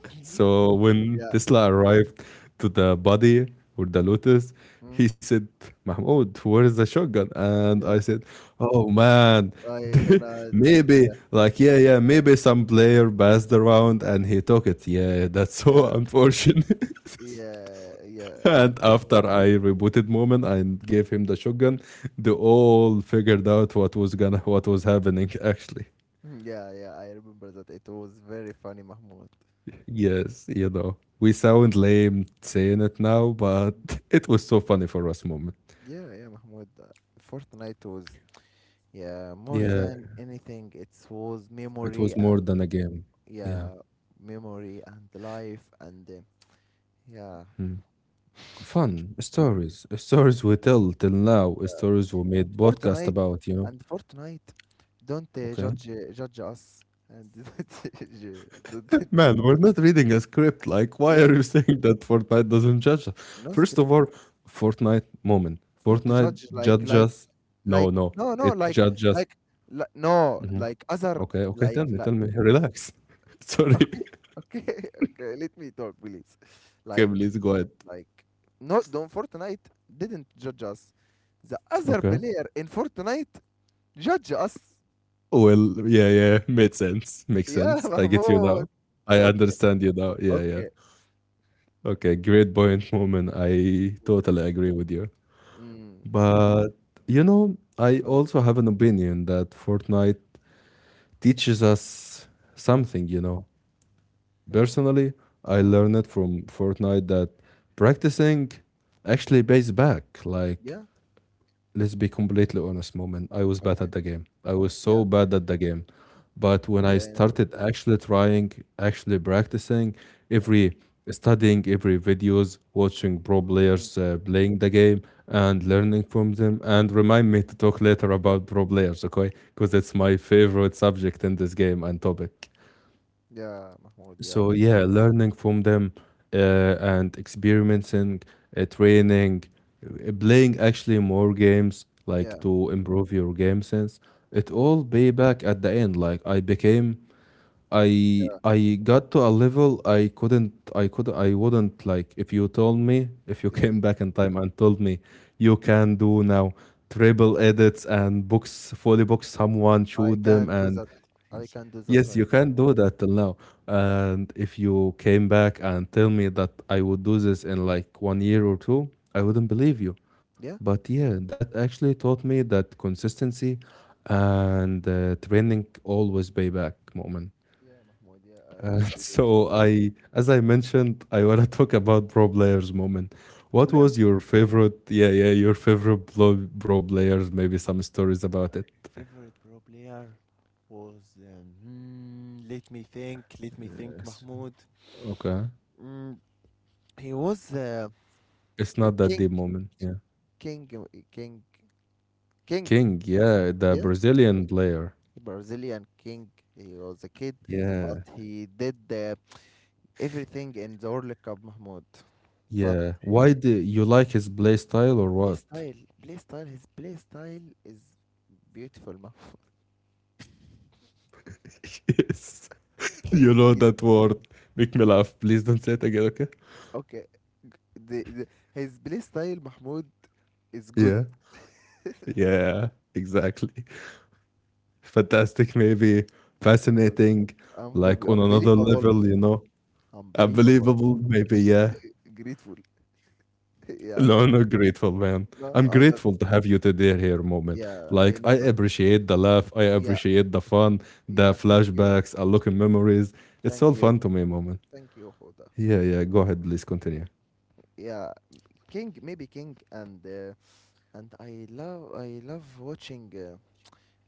A: So when
B: Yeah.
A: Tesla arrived to the body with the Lotus,
B: Mm.
A: he said, Mahmoud, where is the shotgun? And I
B: Yeah.
A: said, oh man,
B: I gonna.
A: maybe,
B: Yeah.
A: like, yeah, yeah, maybe some player passed around and he took it. Yeah, that's so
B: Yeah.
A: unfortunate.
B: Yeah. Yeah.
A: And after I rebooted Moment and gave him the shotgun, they all figured out what was happening actually.
B: Mm, yeah. Yeah. I remember that it was very funny, Mahmoud.
A: Yes, you know. We sound lame saying it now, but it was so funny for us moment.
B: Yeah. Yeah, Mahmoud. Fortnite was yeah more
A: Yeah,
B: than anything. It was
A: it was
B: memory
A: more
B: and
A: than a game. Yeah.
B: yeah, memory and life and yeah.
A: Hmm. Fun stories. Stories we tell till now, stories we
B: and
A: made podcast
B: Fortnite
A: about, you know.
B: and Fortnite don't
A: Okay.
B: judge judge us and don't, don't-
A: Man, we're not reading a script. Like, why
B: yeah,
A: are you saying that Fortnite doesn't judge us?
B: no
A: First
B: script.
A: of all, Fortnite moment.
B: Don't
A: Fortnite
B: judge,
A: judges. No,
B: like,
A: no, it judges.
B: like no,
A: Mhm.
B: like, other,
A: Okay, okay.
B: like
A: Tell me,
B: like
A: tell me. Relax. Sorry.
B: okay, okay, let me talk, please.
A: Okay,
B: like
A: please go ahead.
B: like no, don't. Fortnite didn't judge us. The other
A: Okay.
B: player in Fortnite judge us.
A: Well, yeah, yeah. Made sense. Makes
B: Yeah,
A: sense. I get you
B: Mahmoud.
A: now. I
B: Okay,
A: understand you now. Yeah, yeah.
B: okay.
A: Okay, great point, moment. I totally agree with you.
B: Mm.
A: But you know, I also have an opinion that Fortnite teaches us something, you know.
B: Yeah.
A: Personally, I
B: Mm,
A: learned it from Fortnite that practicing actually
B: mm.
A: pays back. Like,
B: Yeah.
A: let's be completely honest, moment. I was bad
B: Okay.
A: at the game. I was so
B: Yeah.
A: bad at the game. But when I
B: Yeah. Yeah.
A: started actually trying, actually practicing,
B: Yeah.
A: every studying every videos, watching pro
B: Mm,
A: players playing the game and learning from them, and remind me to talk later
B: yeah.
A: about pro players, okay? Because it's my favorite subject in this game and topic.
B: Yeah, Mahmoud. Yeah.
A: So yeah, learning from them and experimenting, training, playing actually more games like
B: Yeah.
A: to improve your game sense. It
B: Mm,
A: all pay back at the end. Like I became I
B: yeah.
A: I got to a level I couldn't I could I wouldn't, like if you told me, if you
B: Yeah.
A: came back in time and told me you can do now triple edits and books fully book someone
B: I
A: shoot them
B: can do
A: and
B: that. I can do that
A: yes,
B: right
A: you
B: now.
A: can do that till now. And if you came back and tell me that I would do this in like 1 year or two, I wouldn't believe you.
B: Yeah.
A: But yeah, that actually taught me that consistency and training always pay back moment.
B: Yeah, Mahmoud. Yeah, I agree with you.
A: So I, as I mentioned, I want to talk about pro players moment.
B: Pro
A: What
B: player's
A: was your favorite? Yeah, yeah, your favorite pro players. Maybe some stories about it.
B: favorite pro player was let me think,
A: Yes.
B: Mahmoud.
A: Okay,
B: Mm, he was
A: it's not that
B: King.
A: deep moment. Yeah,
B: King. King. King.
A: King. Yeah, the
B: Yeah.
A: Brazilian player.
B: Brazilian king. He was a kid, but
A: Yeah,
B: he did everything in the World Cup, Mahmoud. But
A: yeah. Why do you like his play style or
B: play
A: what?
B: style, play style, his play style is beautiful, Mahmoud.
A: Yes, you know
B: It's,
A: that word. Make me laugh. Please don't say it again. Okay.
B: okay, g- the, the, his play style, Mahmoud, is good.
A: Yeah. Yeah. Exactly. Fantastic, maybe fascinating, like on another
B: Unbelievable,
A: level, you know,
B: unbelievable,
A: unbelievable, maybe, yeah.
B: grateful. Yeah,
A: No, no, grateful, man.
B: no,
A: I'm
B: I know that.
A: grateful to have you today here, moment.
B: Yeah,
A: Like,
B: I
A: I
B: know that.
A: appreciate the laugh, I
B: Yeah,
A: appreciate the fun, the
B: yeah. Thank you, Mahmoud.
A: flashbacks, I look in memories. It's
B: Thank
A: all
B: you,
A: fun to me, moment.
B: thank you, Huda.
A: Yeah, yeah, go ahead, please continue.
B: Yeah, King, maybe King, and I love watching.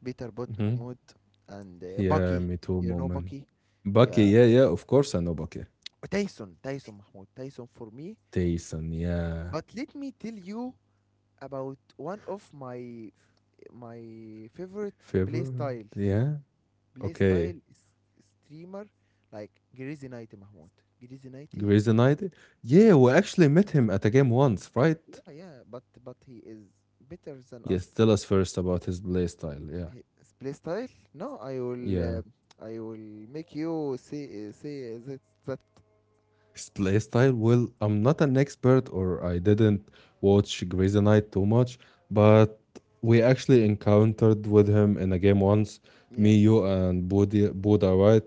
B: Peter Bot,
A: Hmm.
B: Mahmoud, and
A: Yeah,
B: Bucky.
A: me too,
B: You know
A: moment.
B: Bucky?
A: Bucky,
B: Yeah.
A: yeah, yeah, of course I know Bucky.
B: Tyson. Tyson, Mahmoud. Tyson for me.
A: Tyson, yeah.
B: But let me tell you about one of my favorite play
A: Favorite,
B: style.
A: yeah.
B: Play
A: Okay.
B: style, streamer like Greasy Nighty, Mahmoud. Greasy Nighty.
A: Grey's Anatomy?
B: Yeah.
A: Yeah, we actually met him at a game once, right?
B: Yeah, yeah. But he is better than
A: Yes,
B: us.
A: tell us first about his playstyle. Yeah,
B: His play style? No,
A: yeah.
B: I will make you say that
A: His playstyle? Well, I'm not an expert or I didn't watch Grey's Anatomy too much,
B: yeah,
A: but we actually encountered with him in a game once,
B: yeah,
A: me, you, and Bodhi, Buddha, right?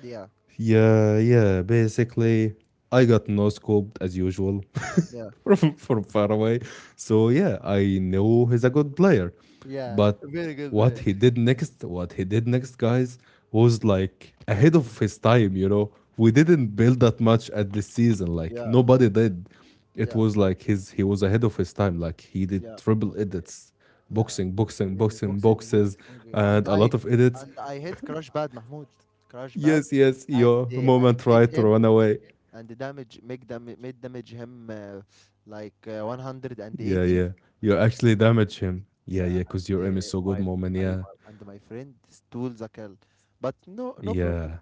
B: yeah.
A: Yeah, yeah. Basically, I got no scoped as usual
B: Yeah.
A: from far away. So yeah, I know he's a good player,
B: Yeah,
A: but
B: very good
A: what
B: player.
A: he did next, what he did next, guys, was like ahead of his time. You know, we didn't build that much at this season. Like
B: Yeah.
A: nobody did. It
B: Yeah,
A: was like his, he was ahead of his time. Like he did
B: yeah, Mahmoud.
A: triple edits,
B: Yeah.
A: boxing,
B: But it
A: boxing,
B: it is
A: boxing,
B: boxing,
A: boxes,
B: boxing, boxing.
A: and a lot of edits.
B: And I hit Crash Bad, Mahmoud, Crash Bad,
A: Yes, yes,
B: and
A: your moment
B: hit
A: tried to
B: him
A: run away.
B: and the damage make dam made damage him like
A: Yeah, yeah. You
B: 180.
A: actually damage him. Yeah, yeah, because
B: Yeah,
A: your aim is
B: and
A: so good,
B: my
A: moment.
B: f-
A: Yeah,
B: I my, and my friend stole the kill, but no problem.
A: yeah.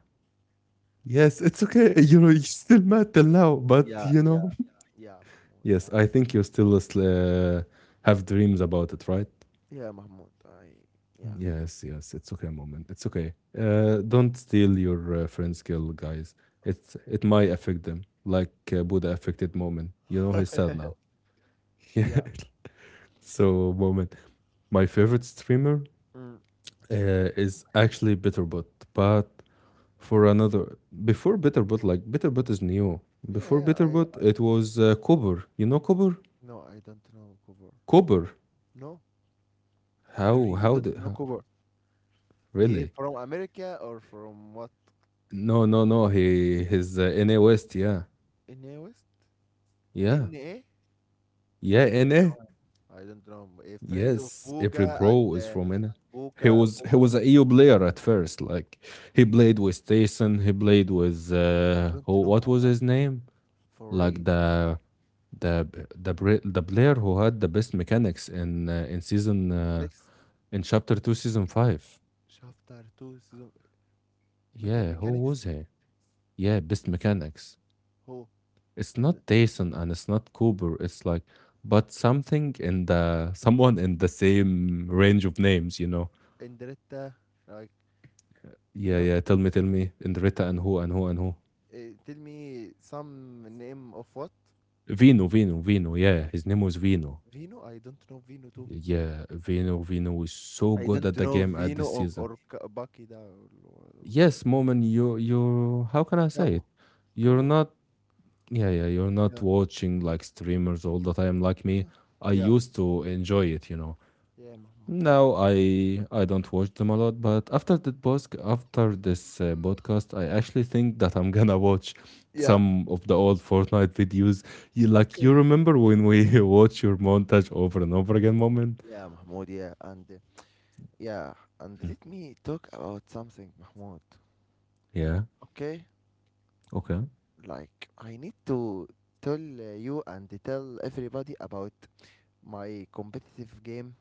A: Yes, it's okay. You know, you're still mad till now, but
B: Yeah,
A: you
B: yeah,
A: know.
B: yeah, Mahmoud. I,
A: Yes, I think you still have dreams about it, right?
B: yeah, Mahmoud. I, yeah,
A: Yes, yes. It's okay, moment. It's okay. Don't steal your friend's kill, guys. It's it might affect them, like Buddha affected moment. You know, he's sad now. Yeah.
B: yeah.
A: So, moment, my favorite streamer
B: Mm.
A: is actually Bitterbot, but for another. Before Bitterbot, like Bitterbot is new. Before
B: Yeah,
A: Bitterbot,
B: yeah.
A: it was Cobber. You know Cobber?
B: No, I don't know cover.
A: Cobber.
B: No, I
A: How?
B: really
A: How?
B: don't
A: Did,
B: know
A: how?
B: cover. He
A: Really?
B: from America or from what?
A: No, no, no. He his NA West. Yeah,
B: NA West?
A: yeah,
B: NA?
A: yeah.
B: I don't
A: NA.
B: know. I don't know. A friend of
A: Yes, every
B: Boga
A: bro
B: and
A: is from NA. He
B: Boga
A: was
B: Boga.
A: a EU player at first. Like he
B: You?
A: played with Tyson. He played with
B: I don't
A: who-
B: know
A: what was
B: Cuba
A: his name?
B: for real.
A: Like the the player who had the best mechanics in season
B: Lex.
A: in chapter 2 season 5,
B: Shafter two season, better
A: yeah, who was
B: mechanics.
A: he? Yeah, best mechanics.
B: Who?
A: It's
B: I don't.
A: not Tyson and it's not Cooper, it's like, but something in the someone in the same range of names, you know.
B: Andretta, like,
A: Yeah,
B: no.
A: yeah, tell me, tell me, in Rita and who and who and who.
B: Tell me some name of what?
A: Vino, yeah, his name was Vino.
B: Vino? I don't know Vino too.
A: Yeah, Vino was so
B: I
A: good
B: don't
A: at the
B: know
A: game at
B: Vino
A: this
B: or
A: season.
B: or Baki da or what's that?
A: Yes, moment, you how can I say it?
B: Cabo.
A: You're
B: Cabo.
A: not, yeah, yeah, you're not
B: Yeah.
A: watching like streamers all the time like me.
B: Yeah.
A: I
B: Yeah.
A: used to enjoy it, you know.
B: Yeah, Mahmoud, yeah.
A: Now I don't watch them a lot, but after that bosk, after this podcast, I actually think that I'm gonna watch
B: Yeah.
A: some of the old Fortnite videos. You, like you
B: Okay.
A: remember when we watch your montage over and over again moment?
B: Yeah, Mahmoud, yeah. And Yeah, and
A: Hmm.
B: let me talk about something, Mahmoud.
A: Yeah.
B: Okay?
A: Okay.
B: Like, I need to tell you and tell everybody about my competitive game.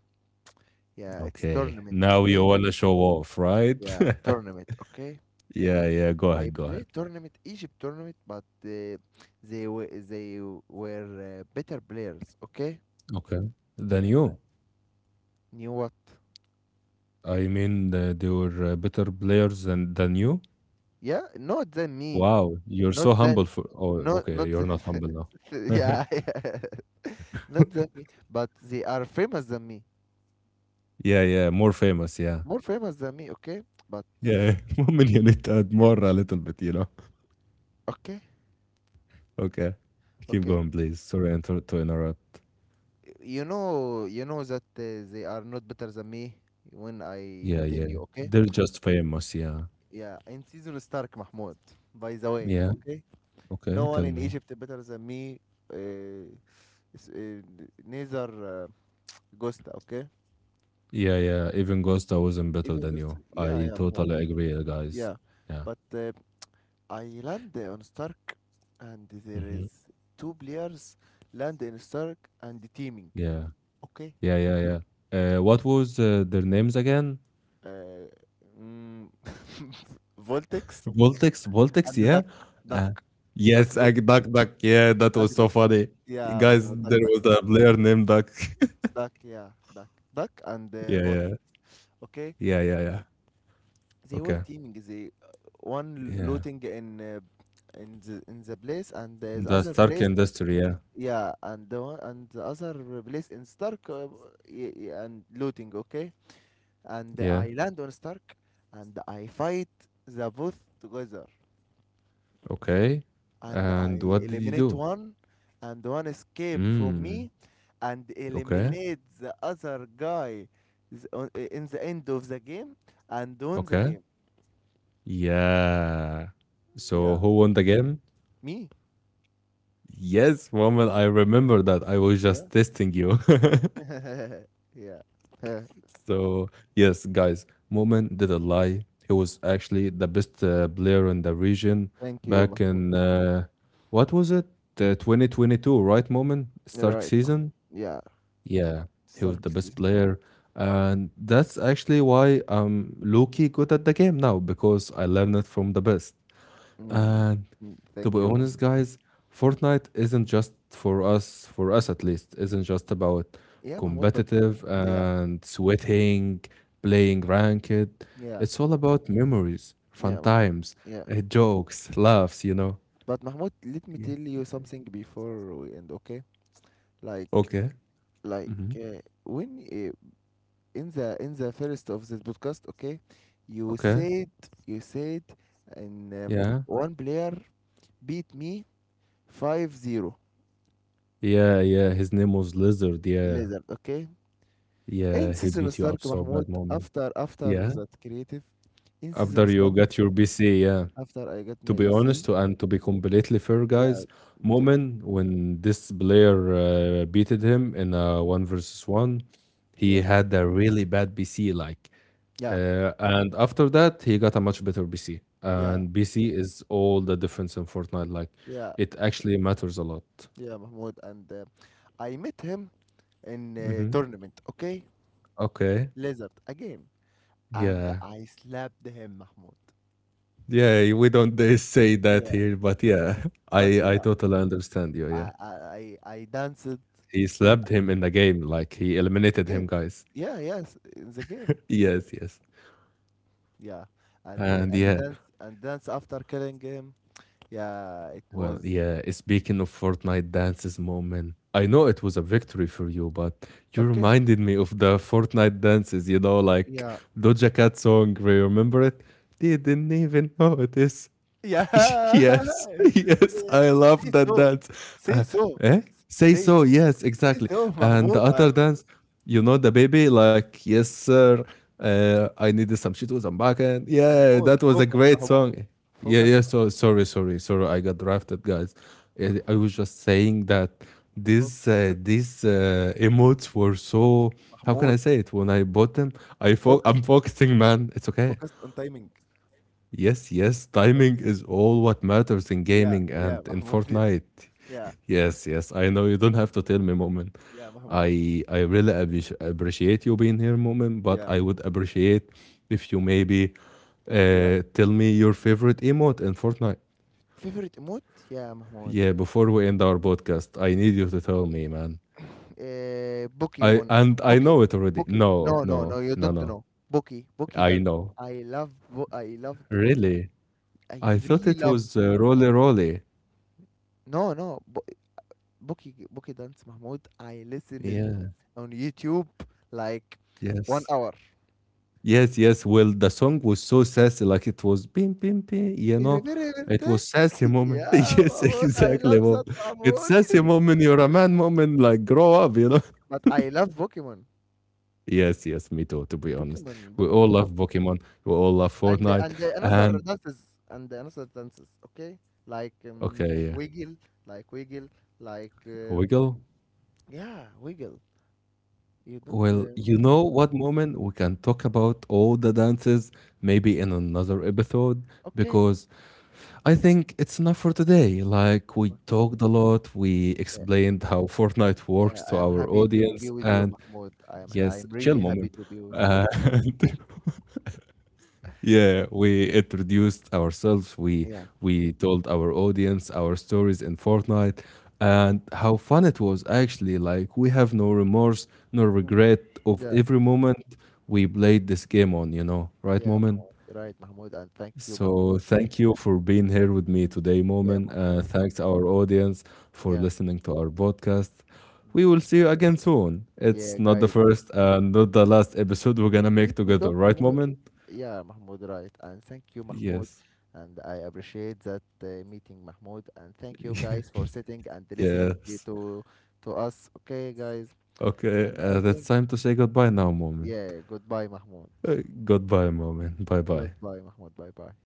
B: Yeah, it's
A: Okay.
B: tournament,
A: Now you
B: okay?
A: wanna show off, right?
B: Yeah, tournament, okay?
A: Yeah, yeah. Go
B: I
A: ahead. Go
B: played
A: ahead.
B: tournament, Egypt tournament, but they were better players. Okay,
A: Okay. Than
B: yeah,
A: you.
B: knew what?
A: I mean, they were better players than you.
B: Yeah, not than me,
A: Wow, you're so
B: not
A: humble
B: than,
A: for. Oh,
B: not
A: okay,
B: not
A: you're
B: than,
A: not humble now.
B: yeah, yeah, not than me. But they are famous than me,
A: Yeah, yeah, more famous. Yeah.
B: more famous than me. Okay, but
A: Yeah. Moment, you need to add more a little bit, you know.
B: okay,
A: Okay. Keep
B: okay.
A: going, please. Sorry to interrupt.
B: You know that they are not better than me when
A: Yeah,
B: I tell
A: yeah.
B: you. Okay,
A: They're just famous. Yeah.
B: yeah. In season Stark, Mahmoud, by the way.
A: Yeah.
B: Okay. No
A: Okay,
B: one
A: tell
B: in
A: me.
B: Egypt better than me. Uh, s- uh, Neither uh, Gusta, okay?
A: Yeah, yeah. Even Ghost, I wasn't better
B: Even
A: than
B: Gusta,
A: you.
B: yeah,
A: I
B: yeah, Mahmoud,
A: totally agree, guys.
B: yeah.
A: Yeah.
B: But I land on Stark, and there is
A: Hmm.
B: two players land in Stark and the teaming,
A: Yeah.
B: okay?
A: Yeah, yeah, yeah. What was their names again?
B: Uh, mm, Voltex
A: Voltex, Voltex,
B: and the
A: yeah.
B: duck, duck,
A: Uh,
B: duck,
A: yes,
B: duck,
A: Duck Duck. Yeah, that
B: duck,
A: was so
B: duck.
A: funny.
B: Yeah,
A: Guys,
B: Mahmoud,
A: there
B: duck, duck,
A: was a player named Duck.
B: duck, yeah, duck, duck, and
A: Yeah, yeah,
B: Voltex, okay?
A: yeah, yeah, yeah.
B: They were
A: Okay,
B: teaming. They one
A: yeah.
B: looting in in the place and the
A: The
B: other
A: Stark
B: place,
A: industry, yeah,
B: yeah, and the one and the other place in Stark, and looting, okay, and
A: yeah.
B: I land on Stark and I fight the both together,
A: Okay.
B: and
A: And
B: I
A: what did you
B: eliminate
A: do?
B: one and one escape from me,
A: Mm,
B: and
A: okay,
B: eliminate the other guy in the end of the game and won the
A: okay.
B: game.
A: Yeah. So
B: Yeah,
A: who won the game?
B: me.
A: Yes, woman, I remember that. I was
B: Yeah.
A: just testing you.
B: Yeah. Huh.
A: So, yes, guys, Moment didn't lie. He was actually the best player in the region
B: Thank you,
A: back
B: Mahmoud.
A: in what was it? 2022, right, Moment?
B: You're
A: Stark
B: right, Mahmoud.
A: season?
B: Yeah.
A: Yeah, he was the
B: Sarcasm.
A: best player. And that's actually why I'm low-key good at the game now because I learned it from the best.
B: Mm.
A: And
B: Mm.
A: to
B: Thank
A: be
B: you,
A: honest,
B: Mahmoud.
A: guys, Fortnite isn't just for us at least, isn't just about
B: Yeah, Mahmoud, but
A: competitive
B: yeah,
A: and sweating, playing ranked.
B: yeah,
A: It's all about memories, fun
B: yeah, Mahmoud.
A: times,
B: Yeah.
A: jokes, laughs, you know?
B: But Mahmoud, let me
A: Yeah.
B: tell you something before we end, okay? Like,
A: Okay. Hmm.
B: when in the first of this podcast, okay, you
A: Okay.
B: said you said and
A: Yeah.
B: one player beat me 5-0.
A: Yeah. Yeah. His name was Lizard. Yeah.
B: Lizard, okay. In
A: Yeah. He
B: season
A: beat you up
B: Stark,
A: so bad
B: Mahmoud,
A: moment.
B: after
A: Yeah.
B: that creative, in season
A: After you
B: Stark,
A: got your BC. Yeah.
B: after I get
A: To
B: my
A: be honest,
B: PC.
A: and to be completely fair,
B: Yeah,
A: guys,
B: t-
A: Moment when this player beated him in a one versus one,
B: yeah,
A: he had a really bad BC. Like,
B: yeah,
A: and after that, he got a much better BC.
B: yeah,
A: And BC is all the difference in Fortnite. Like,
B: yeah,
A: it actually matters a lot.
B: yeah, Mahmoud. And I met him in a
A: Hmm.
B: tournament, okay.
A: Okay.
B: Lizard a game, and
A: Yeah.
B: I slapped him, Mahmoud.
A: Yeah. We don't say that
B: Yeah,
A: here, but yeah, I
B: but
A: I
B: yeah,
A: totally understand you. Yeah.
B: I I I danced in
A: He slapped him in the game. Like he
B: the
A: eliminated him,
B: game.
A: guys.
B: Yeah, yes, in the game.
A: Yes. Yes.
B: Yeah, and
A: And
B: the
A: yeah,
B: dance and dance after killing him. Yeah, it
A: well,
B: was
A: yeah, speaking of Fortnite dances moment, I know it was a victory for you, but you
B: okay.
A: reminded me of the Fortnite dances, you know, like
B: Yeah.
A: Doja Cat song, remember it? Didn't even notice.
B: Yeah.
A: Yes,
B: Just
A: yes, I love
B: say
A: that
B: so.
A: dance.
B: Say
A: Uh,
B: so.
A: eh? Say
B: Say
A: so, yes,
B: say
A: exactly.
B: so,
A: And
B: Mahmoud.
A: the other dance, you know, the baby, like, yes, sir, I needed some Cheetos, I'm back. And yeah, that was a great
B: Mahmoud.
A: song. Yeah,
B: Focus,
A: yeah, so sorry, sorry, sorry, I got drafted, guys. Yeah, I was just saying that these
B: focus,
A: emotes were so, how can I
B: Mahmoud.
A: say it? When I bought them,
B: Focus,
A: I'm focusing, man. It's okay.
B: focus on timing.
A: Yes, yes, timing
B: Okay?
A: is all what matters in
B: Yeah,
A: gaming and
B: yeah,
A: in
B: Mahmoud. Yeah,
A: Fortnite.
B: yeah,
A: Yes, yes, I know you don't have to tell me, Moment.
B: yeah, Mahmoud.
A: I really appreciate you being here, Moment, but
B: Yeah,
A: I
B: Mahmoud.
A: would appreciate if you maybe
B: Yeah.
A: tell me your favorite emote in Fortnite.
B: Favorite emote? Yeah, Mahmoud.
A: Yeah, before we end our podcast, I need you to tell me, man. I,
B: Pokemon.
A: and I
B: Bookie.
A: know it already.
B: Bookie.
A: No,
B: No, no,
A: no,
B: no. You
A: no,
B: don't
A: no.
B: know. Bookie. Bookie
A: I
B: dance.
A: know.
B: I love. I love the Bookie.
A: Really?
B: I
A: I thought
B: really
A: it
B: love.
A: was Rolly Rolly.
B: No, no. Bookie Bookie Dance, Mahmoud. I listened
A: Yeah,
B: on YouTube like one
A: yes.
B: hour.
A: Yes, yes. Well, the song was so sassy, like it was bim bim bim, you know. It
B: Irreverente.
A: was sassy moment.
B: Yeah,
A: Yes,
B: Mahmoud. I love
A: exactly,
B: that,
A: mom. It's
B: Mahmoud.
A: sassy moment. You're a man moment. Like grow up, you know.
B: But I love Pokemon.
A: Yes, yes. Me too. To be honest,
B: Pokemon,
A: we all
B: Pokemon,
A: love Pokemon. We all love Fortnite.
B: and the another
A: And
B: dances and the another dances. Okay, like
A: okay, yeah.
B: wiggle, like wiggle, like
A: Wiggle.
B: yeah, wiggle. You don't.
A: Well, you know what moment, we can talk about all the dances maybe in another episode
B: Okay.
A: because I think it's enough for today. Like,
B: Okay,
A: we
B: Mahmoud.
A: talked a lot, we
B: Yeah,
A: explained how Fortnite
B: yeah.
A: works
B: I
A: to
B: am
A: our
B: happy to be
A: audience,
B: with you,
A: and
B: Mahmoud. I am.
A: yes,
B: I'm
A: chill
B: really happy
A: moment.
B: to be with.
A: Uh, yeah, we introduced ourselves,
B: Yeah.
A: we told our audience our stories in Fortnite
B: Yeah.
A: and how fun it was actually. Like, we have no remorse, no
B: Mm.
A: regret of
B: Yeah,
A: every moment we played this game on, you know, right
B: yeah,
A: moment?
B: Mahmoud. You're right, Mahmoud, and thank you,
A: So
B: Mahmoud.
A: thank you for being here with me today,
B: Yeah,
A: Moment.
B: Mahmoud.
A: Thanks our audience for
B: Yeah,
A: listening to our podcast. We
B: mm.
A: will see you again soon.
B: Yeah,
A: It's not the
B: guys.
A: first and not the last episode we're
B: Yeah,
A: gonna make
B: let me
A: together,
B: talk,
A: right,
B: Mahmoud.
A: Moment?
B: Yeah, Mahmoud, right. And thank you, Mahmoud.
A: Yes.
B: And I appreciate that meeting, Mahmoud. And thank you, guys, for sitting and listening
A: Yes.
B: to us. Okay, guys.
A: Okay.
B: And I
A: That's
B: think,
A: time to say goodbye now, Moment.
B: yeah, goodbye, Mahmoud.
A: Uh, Goodbye, Moment. Bye bye.
B: Goodbye, Mahmoud. Bye, bye.